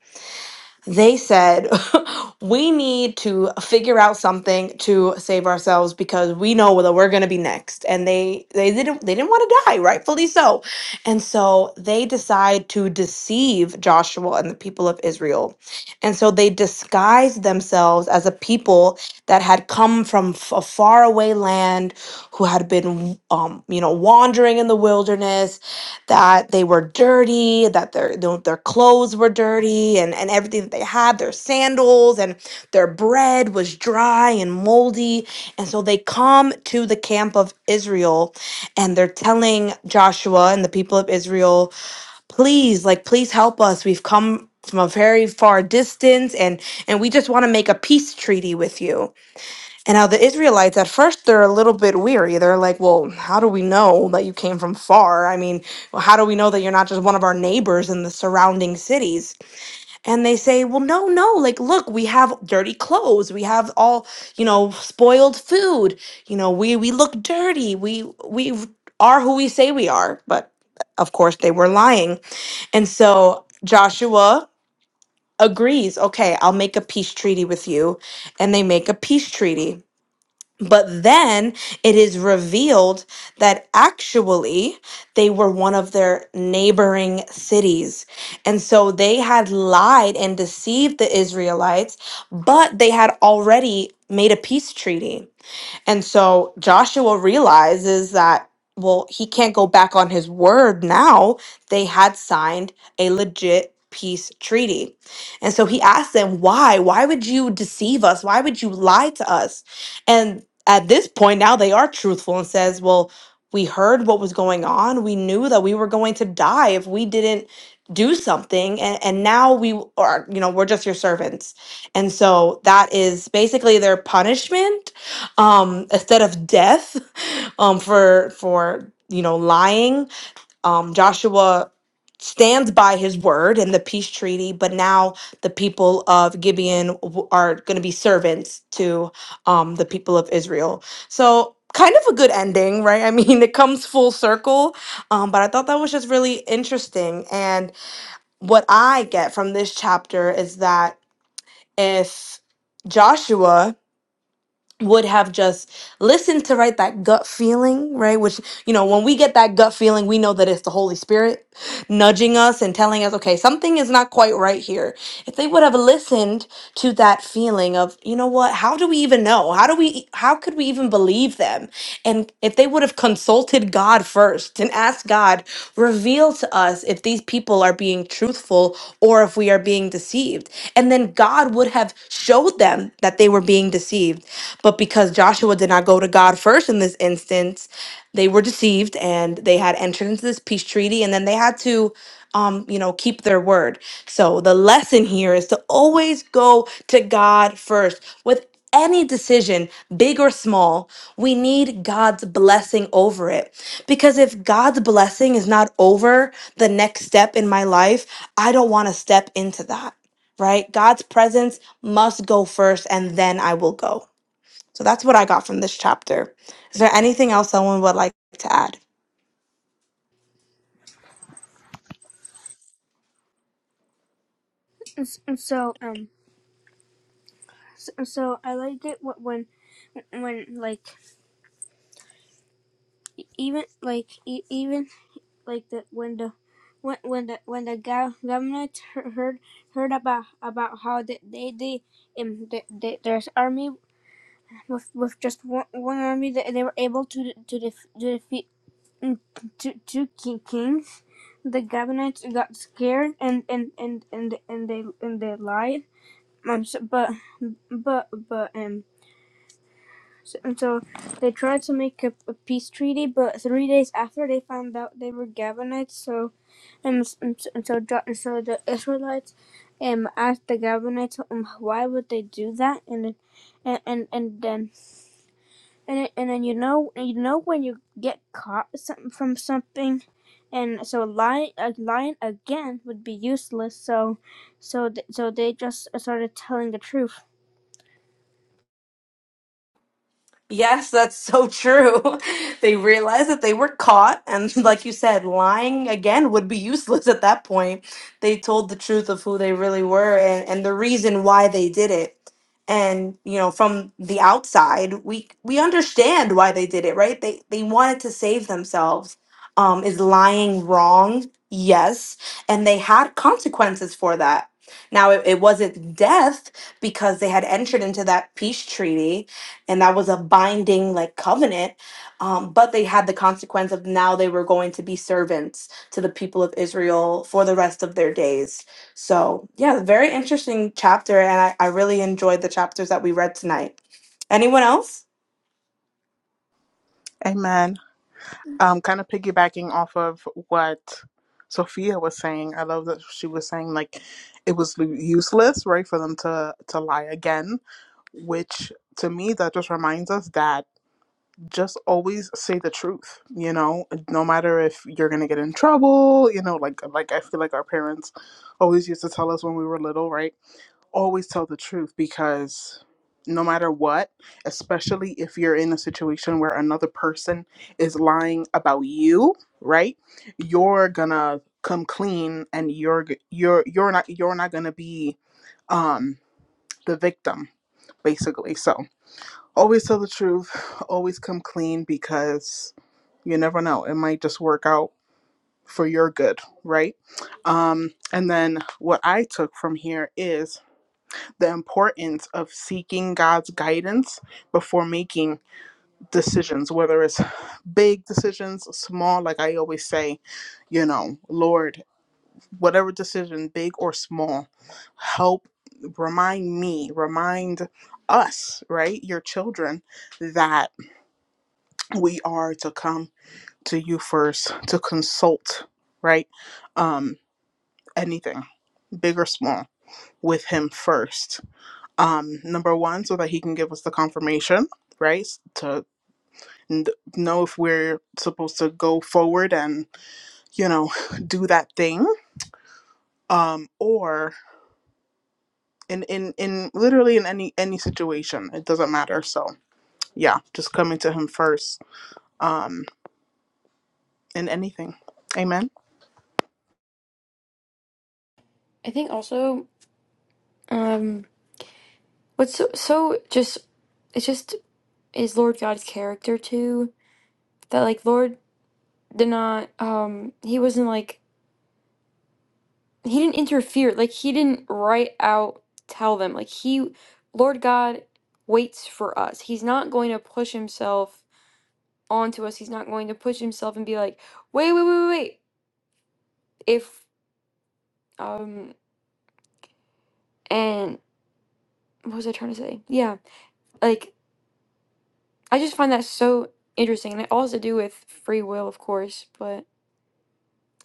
they said, <laughs> we need to figure out something to save ourselves because we know that we're gonna be next. And they they didn't they didn't want to die, rightfully so. And so they decide to deceive Joshua and the people of Israel. And so they disguised themselves as a people that had come from f- a faraway land, who had been um, you know, wandering in the wilderness that they were dirty, that their their their clothes were dirty, and and everything that they had, their sandals and their bread was dry and moldy, and so they come to the camp of Israel, and they're telling Joshua and the people of Israel, please, like please help us. We've come from a very far distance, and and we just want to make a peace treaty with you. And now the Israelites, at first, they're a little bit weary. They're like, well, how do we know that you came from far? I mean, well, how do we know that you're not just one of our neighbors in the surrounding cities? And they say, well, no, no. Like, look, we have dirty clothes. We have all, you know, spoiled food. You know, we, we look dirty. We, we are who we say we are. But of course, they were lying. And so Joshua agrees, okay, I'll make a peace treaty with you. And they make a peace treaty but then it is revealed that actually they were one of their neighboring cities. And so they had lied and deceived the Israelites, but they had already made a peace treaty. And so Joshua realizes that, well, he can't go back on his word now. They had signed a legit peace treaty. And so he asked them, why? Why would you deceive us? Why would you lie to us? And at this point, now they are truthful and says, well, we heard what was going on. We knew that we were going to die if we didn't do something. And, and now we are, you know, we're just your servants. And so that is basically their punishment um instead of death um for for you know lying um joshua stands by his word in the peace treaty but now the people of gibeon w- are going to be servants to um the people of israel so kind of a good ending right <laughs> i mean it comes full circle um but i thought that was just really interesting and what i get from this chapter is that if joshua would have just listened to right that gut feeling right which you know when we get that gut feeling we know that it's the holy spirit nudging us and telling us okay something is not quite right here if they would have listened to that feeling of you know what how do we even know how do we e, how could we even believe them and if they would have consulted god first and asked god Reveal to us if these people are being truthful or if we are being deceived. And then God would have showed them that they were being deceived. But because Joshua did not go to God first in this instance, they were deceived and they had entered into this peace treaty and then they had to um you know keep their word so the lesson here is to always go to god first with any decision, big or small, we need God's blessing over it. Because if God's blessing is not over the next step in my life, I don't want to step into that, right? God's presence must go first and then I will go. So that's what I got from this chapter. Is there anything else someone would like to add?
so um s- so I liked it wh- when when like even like e- even like the when the when when the when the gov- government heard heard about about how they they they um the, the, there's army with with just one, one army that they were able to to, def, to defeat mm, two two kings the government got scared and and and and and they and they lied um so, but but but um So, and so they tried to make a, a peace treaty, but three days after they found out they were Gabonites, so and, and, so and so the Israelites um asked the Gabonites um, why would they do that, and and and, and then and and then you know you know when you get caught some- from something, and so lying uh, lying again would be useless. So so th- so they just started telling the truth.
Yes, that's so true. <laughs> They realized that they were caught, and <laughs> like you said, lying again would be useless at that point. They told the truth of who they really were and, and the reason why they did it. And you know, from the outside, we we understand why they did it, right? They they wanted to save themselves. Um, is lying wrong? Yes, and they had consequences for that. Now, it, it wasn't death because they had entered into that peace treaty and that was a binding like covenant um, but they had the consequence of now they were going to be servants to the people of israel for the rest of their days so yeah very interesting chapter and i, I really enjoyed the chapters that we read tonight anyone else
Amen. Um, kind of piggybacking off of what Sophia was saying, I love that she was saying like it was useless, right, for them to to lie again. Which to me, that just reminds us that just always say the truth. You know, no matter if you're gonna get in trouble. You know, like like I feel like our parents always used to tell us when we were little, right? always tell the truth because no matter what, especially if you're in a situation where another person is lying about you, right? You're gonna come clean and you're g- you're you're not you're not gonna be um the victim basically. So, always tell the truth, always come clean because you never know, it might just work out for your good, right? Um and then what I took from here is the importance of seeking God's guidance before making decisions, whether it's big decisions, small, like I always say, you know, Lord, whatever decision, big or small, help remind me, remind us, right, your children, that we are to come to you first to consult, right? Um, anything, big or small, with Him first um number one so that he can give us the confirmation right to n- know if we're supposed to go forward and you know <laughs> do that thing um or in in in literally in any any situation it doesn't matter so yeah just coming to him first um in anything amen
I think also, um, what's so, so just, it just is Lord God's character too. That like Lord did not, um, he wasn't like, he didn't interfere. Like he didn't right out tell them. Like he, Lord God waits for us. He's not going to push himself onto us. He's not going to push himself and be like, wait, wait, wait, wait. wait." If, um, and what was I trying to say? Yeah. Like I just find that so interesting. And it all has to do with free will, of course. But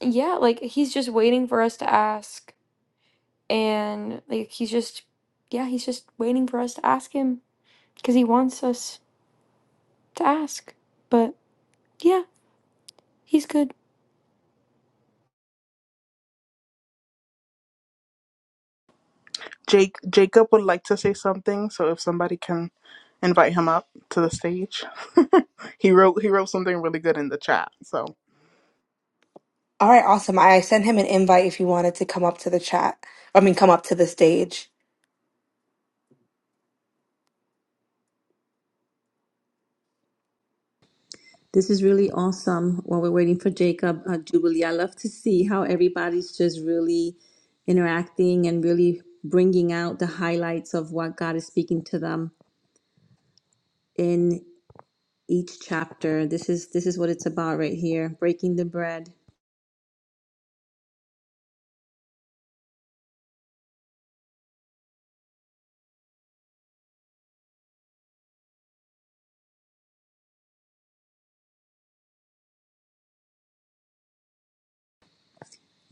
yeah, like he's just waiting for us to ask. And like he's just, yeah, he's just waiting for us to ask him because he wants us to ask. But yeah, he's good.
jake jacob would like to say something so if somebody can invite him up to the stage <laughs> he wrote he wrote something really good in the chat so
all right awesome i sent him an invite if you wanted to come up to the chat i mean come up to the stage
This is really awesome. While we're waiting for Jacob, uh, Jubilee, I love to see how everybody's just really interacting and really bringing out the highlights of what God is speaking to them in each chapter. This is this is what it's about right here, breaking the bread.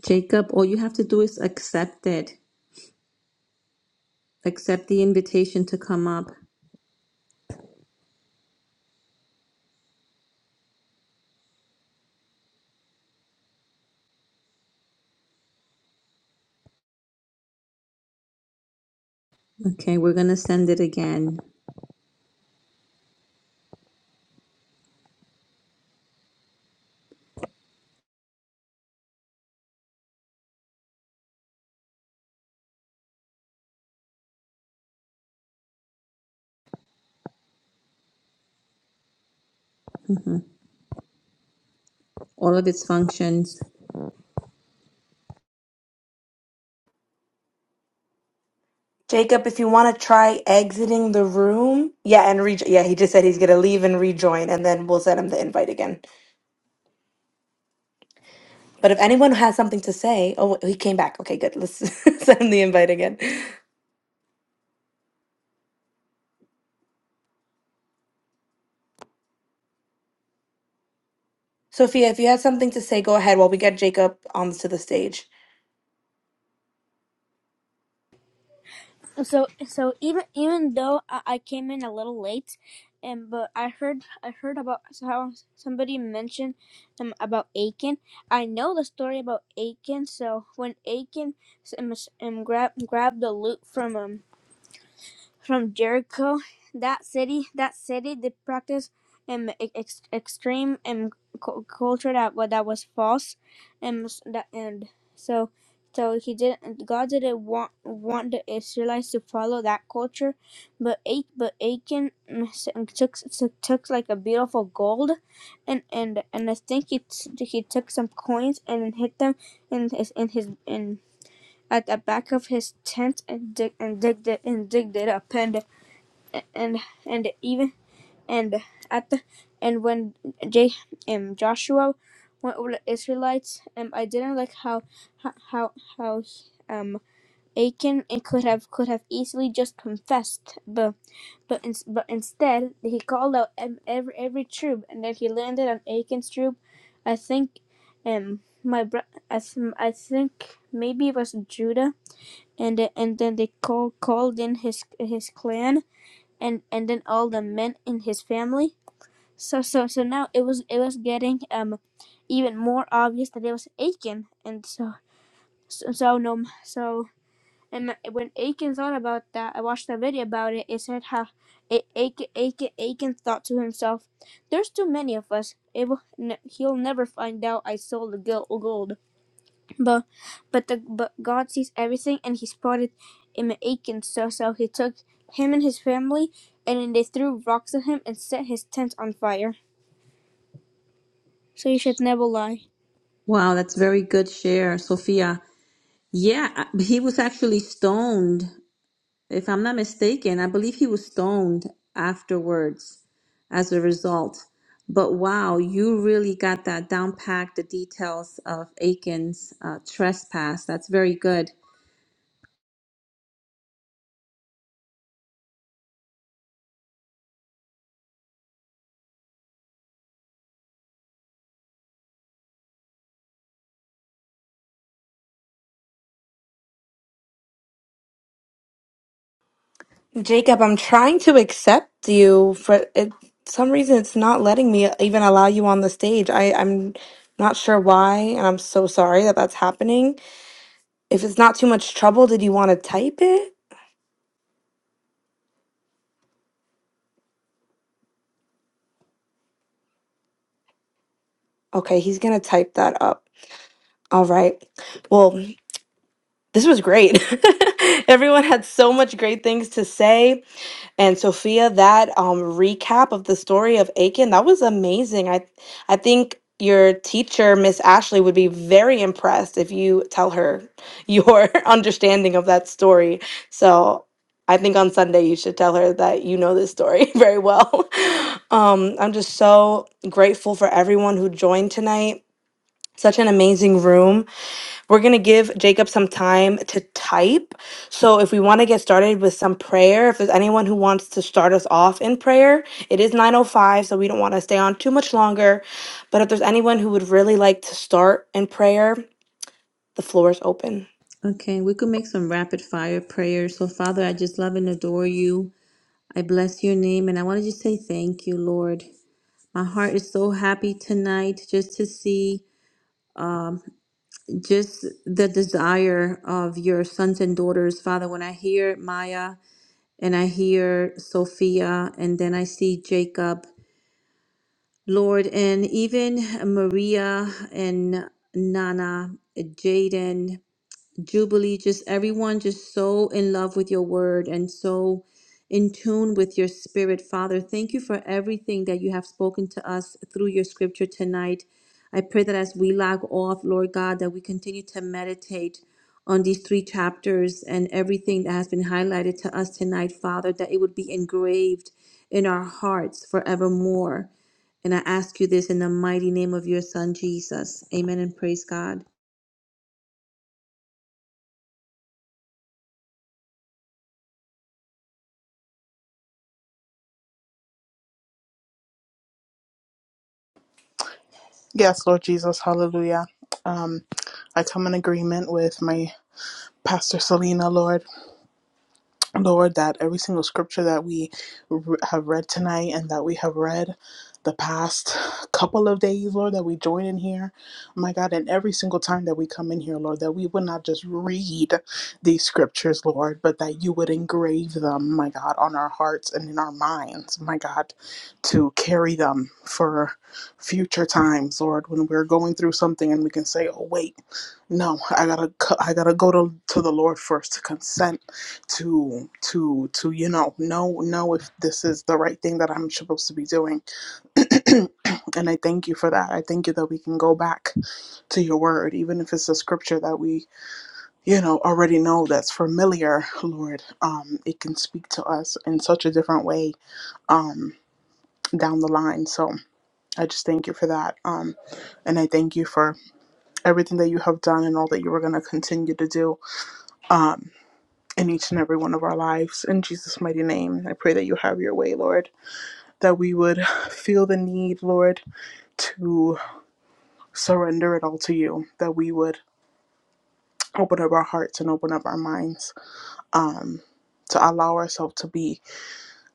Jacob, all you have to do is accept it. Accept the invitation to come up. Okay, we're gonna send it again. Mhm. All of its functions.
jacob if you want to try exiting the room yeah and re- yeah he just said he's gonna leave and rejoin and then we'll send him the invite again But if anyone has something to say, oh, he came back. Okay, good. Let's <laughs> send him the invite again. Sophia, if you have something to say, go ahead while we get Jacob onto the stage.
So so even even though I, I came in a little late, and but I heard I heard about so how somebody mentioned um, about Aiken. I know the story about Aiken. So when Aiken um, s- um grab grabbed the loot from um from Jericho, that city, that city, they practiced um ex- extreme um cu- culture that wa- that was false, and that and so so he did not God didn't want want the Israelites to follow that culture, but Ach but Achan mm, s- took, took took like a beautiful gold, and and and I think he t- he took some coins and hit them in his in his in at the back of his tent and dig and digged it and digged it up and and and even and at the and when J um Joshua went over the Israelites, um, I didn't like how how how um Achan and could have could have easily just confessed, but but in, but instead he called out ev- every every troop, and then he landed on Achan's troop. I think, um, my bro, I, th- I think maybe it was Judah, and and then they call, called in his his clan and and then all the men in his family. So so so now it was it was getting um even more obvious that it was Aiken, and so so, so no so and when Aiken thought about that, I watched a video about it. It said how A- Aiken Aiken Aiken thought to himself, "There's too many of us. It will, ne- he'll never find out I sold the gold." But but the but God sees everything, and He spotted him at Achan. So so He took him and his family, and then they threw rocks at him and set his tent on fire. So you should never lie.
Wow, that's very good share, Sophia. Yeah, I- he was actually stoned, if I'm not mistaken. I believe he was stoned afterwards as a result. But wow, you really got that down packed, the details of Aiken's uh, trespass. That's very good.
Jacob, I'm trying to accept you for it. Some reason it's not letting me even allow you on the stage. I, I'm not sure why, and I'm so sorry that that's happening. If it's not too much trouble, did you want to type it? Okay, he's gonna type that up. All right. Well, this was great. <laughs> Everyone had so much great things to say And Sophia, that um, recap of the story of Aiken, that was amazing. I, I think your teacher, Miss Ashley, would be very impressed if you tell her your <laughs> understanding of that story. So I think on Sunday you should tell her that you know this story <laughs> very well. <laughs> Um, I'm just so grateful for everyone who joined tonight. Such an amazing room. We're going to give Jacob some time to type. So, if we want to get started with some prayer, if there's anyone who wants to start us off in prayer, it is 9:05, so we don't want to stay on too much longer. But if there's anyone who would really like to start in prayer, the floor is open.
Okay, we could make some rapid fire prayers. So, Father, I just love and adore you. I bless your name and I want to just say thank you, Lord. My heart is so happy tonight just to see just the desire of your sons and daughters. Father, when I hear Maya and I hear Sophia and then I see Jacob, Lord, and even Maria and Nana, Jaden. Jubilee, just everyone just so in love with your word and so in tune with your spirit, Father. Thank you for everything that you have spoken to us through your scripture tonight. I pray that as we log off, Lord God, that we continue to meditate on these three chapters and everything that has been highlighted to us tonight, Father, that it would be engraved in our hearts forevermore. And I ask you this in the mighty name of your Son, Jesus. Amen and praise God.
Yes, Lord Jesus, hallelujah. Um, I come in agreement with my pastor Selena, Lord. Lord, that every single scripture that we r- have read tonight and that we have read the past couple of days, Lord, that we join in here, my God, and every single time that we come in here, Lord, that we would not just read these scriptures, Lord, but that you would engrave them, my God, on our hearts and in our minds, my God, to carry them for future times, Lord, when we're going through something and we can say, oh, wait, no, I gotta, co- I gotta go to, to the Lord first to consent to to to you know know know if this is the right thing that I'm supposed to be doing. <clears throat> and I thank you for that. I thank you that we can go back to your word, even if it's a scripture that we you know already know that's familiar, Lord. Um, it can speak to us in such a different way um down the line. So. I just thank you for that. Um, and I thank you for everything that you have done and all that you are going to continue to do. um, in each and every one of our lives. In Jesus' mighty name, I pray that you have your way, Lord, that we would <laughs> feel the need, Lord, to surrender it all to you, that we would open up our hearts and open up our minds um, to allow ourselves to be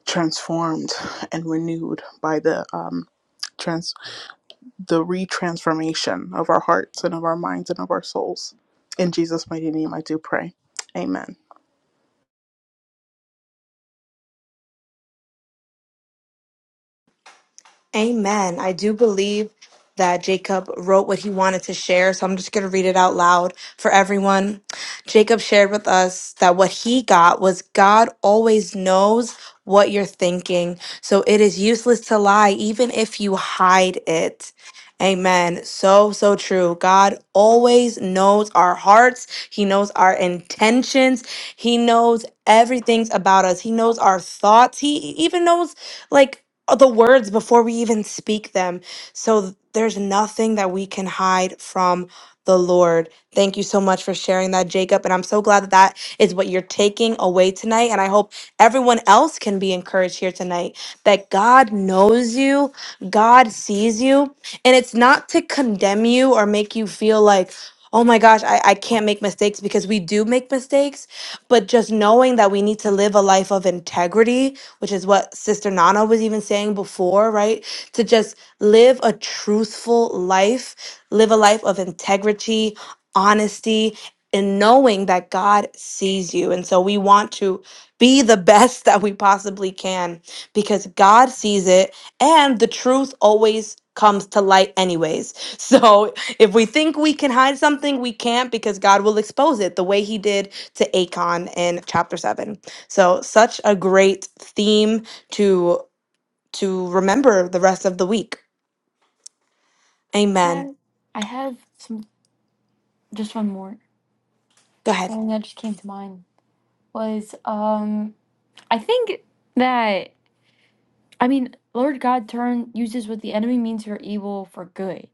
transformed and renewed by the. Um, Trans- the retransformation of our hearts and of our minds and of our souls. In Jesus' mighty name, I do pray. Amen.
Amen. I do believe that Jacob wrote what he wanted to share, so I'm just going to read it out loud for everyone. Jacob shared with us that what he got was God always knows what you're thinking, so it is useless to lie, even if you hide it. Amen. So, so true. God always knows our hearts. He knows our intentions. He knows everything about us. He knows our thoughts. He even knows, like, uh, the words before we even speak them. So th- there's nothing that we can hide from the Lord. Thank you so much for sharing that, Jacob. And I'm so glad that that is what you're taking away tonight. And I hope everyone else can be encouraged here tonight that God knows you, God sees you. And it's not to condemn you or make you feel like, Oh my gosh, I, I can't make mistakes because we do make mistakes. But just knowing that we need to live a life of integrity which is what Sister Nana was even saying before, right? To just live a truthful life, live a life of integrity, honesty, and knowing that God sees you. And so we want to be the <laughs> best that we possibly can because God sees it and the truth always comes to light anyways. <laughs> So if we think we can hide something, we can't because God will expose it the way he did to Acon in chapter 7. So such a great theme to to remember the rest of the week.
I
Amen.
have I have some just one more.
Go ahead.
Something that just came to mind was um I think that I mean Lord God turn uses what the enemy means for evil for good.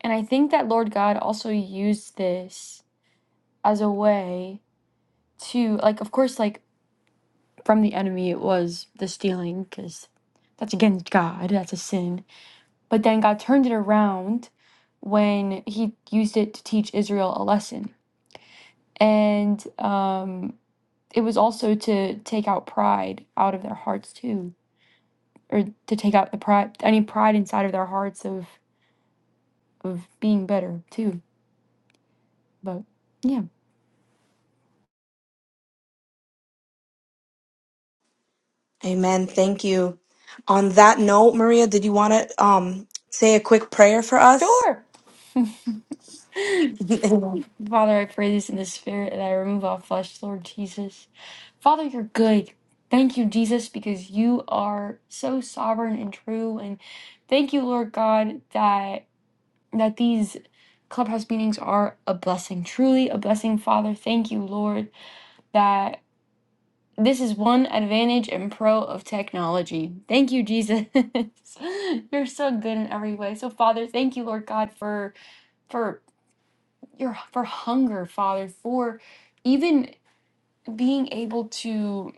And I think that Lord God also used this as a way to, like, of course, like from the enemy, it was the stealing, because that's against God, that's a sin. But then God turned it around when he used it to teach Israel a lesson. And um, it was also to take out pride out of their hearts, too, or to take out the pride, any pride inside of their hearts of, of being better, too. But yeah.
Amen. Thank you. On that note, Maria, did you want to um say a quick prayer for us?
Sure. Father, I pray this in the spirit, and I remove all flesh, Lord Jesus. Father, you're good. Thank you, Jesus, because you are so sovereign and true. And thank you, Lord God, that that these clubhouse meetings are a blessing, truly a blessing, Father. Thank you, Lord, that this is one advantage and pro of technology. Thank you, Jesus. <laughs> you're so good in every way. So, Father, thank you, Lord God, for for your for hunger, Father, for even being able to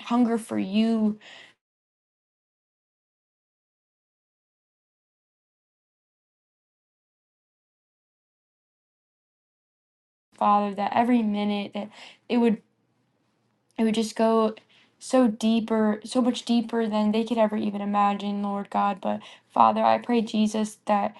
hunger for you, Father, that every minute that it would it would just go so deeper, so much deeper than they could ever even imagine, Lord God. But Father, I pray Jesus that,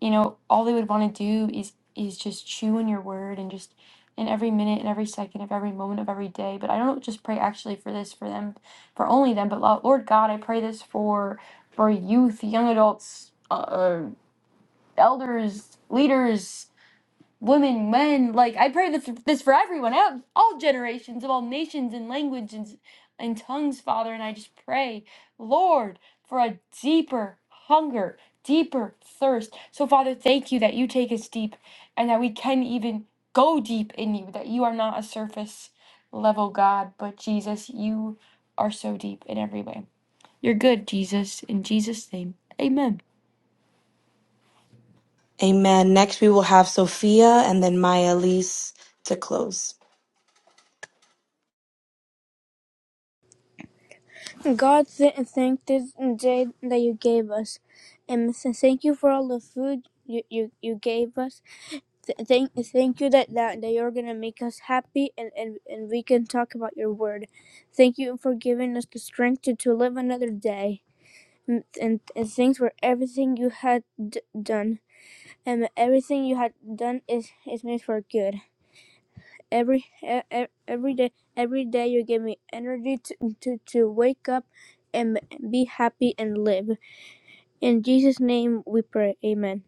you know, all they would want to do is is just chew on your word and just in every minute and every second of every moment of every day. But I don't just pray actually for this for them, for only them, but Lo- Lord God, I pray this for for youth, young adults, uh, elders, leaders, women, men. Like I pray this this for everyone, ev- all generations of all nations and languages and, and tongues, Father. And I just pray, Lord, for a deeper hunger, deeper thirst. So, Father, thank you that you take us deep, and that we can even go deep in you. That you are not a surface level God, but Jesus, you are so deep in every way. You're good, Jesus. In Jesus' name, Amen.
Amen. Next we will have Sophia and then Maya Elise to close.
God th- thank this day that you gave us, and thank you for all the food you you, you gave us. Th- thank thank you that, that that you're gonna make us happy, and, and and we can talk about your word. Thank you for giving us the strength to, to live another day. and, and and thanks for everything you had d- done. And everything you had done is is made for good. Every e- e- every day every day you give me energy to to, to wake up and be happy and live. In Jesus' name we pray. Amen.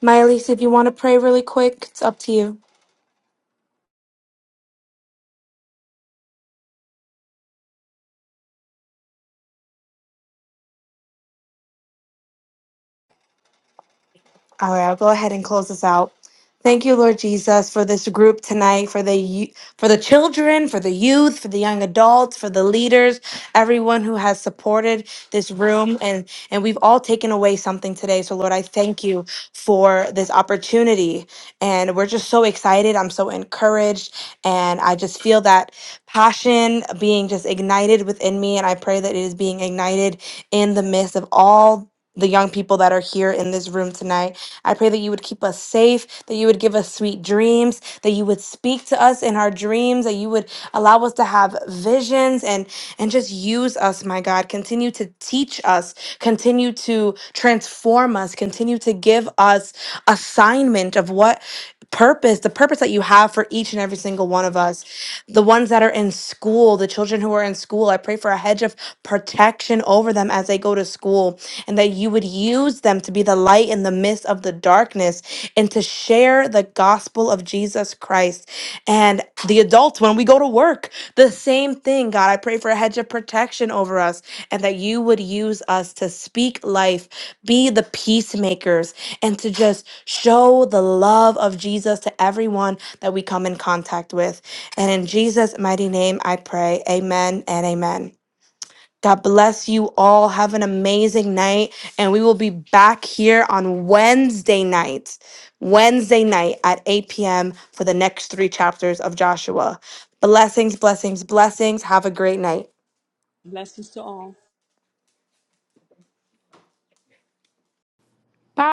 Maya Elise, if you want to pray really quick, it's up to you. All right, I'll go ahead and close this out. Thank you, Lord Jesus, for this group tonight, for the yo- for the children, for the youth, for the young adults, for the leaders, everyone who has supported this room, and and we've all taken away something today. So, Lord, I thank you for this opportunity, and we're just so excited. I'm so encouraged, and I just feel that passion being just ignited within me, and I pray that it is being ignited in the midst of all the young people that are here in this room tonight. I pray that you would keep us safe, that you would give us sweet dreams, that you would speak to us in our dreams, that you would allow us to have visions and and just use us, my God. Continue to teach us, continue to transform us, continue to give us assignment of what purpose, the purpose that you have for each and every single one of us. The ones that are in school, the children who are in school, I pray for a hedge of protection over them as they go to school and that you would use them to be the light in the midst of the darkness and to share the gospel of Jesus Christ. And the adults, when we go to work, the same thing, God. I pray for a hedge of protection over us and that you would use us to speak life, be the peacemakers, and to just show the love of Jesus to everyone that we come in contact with. And in Jesus' mighty name, I pray. Amen and amen. God bless you all. Have an amazing night. And we will be back here on Wednesday night, Wednesday night at 8 p.m. for the next three chapters of Joshua. Blessings, blessings, blessings. Have a great night.
Blessings to all.
Bye.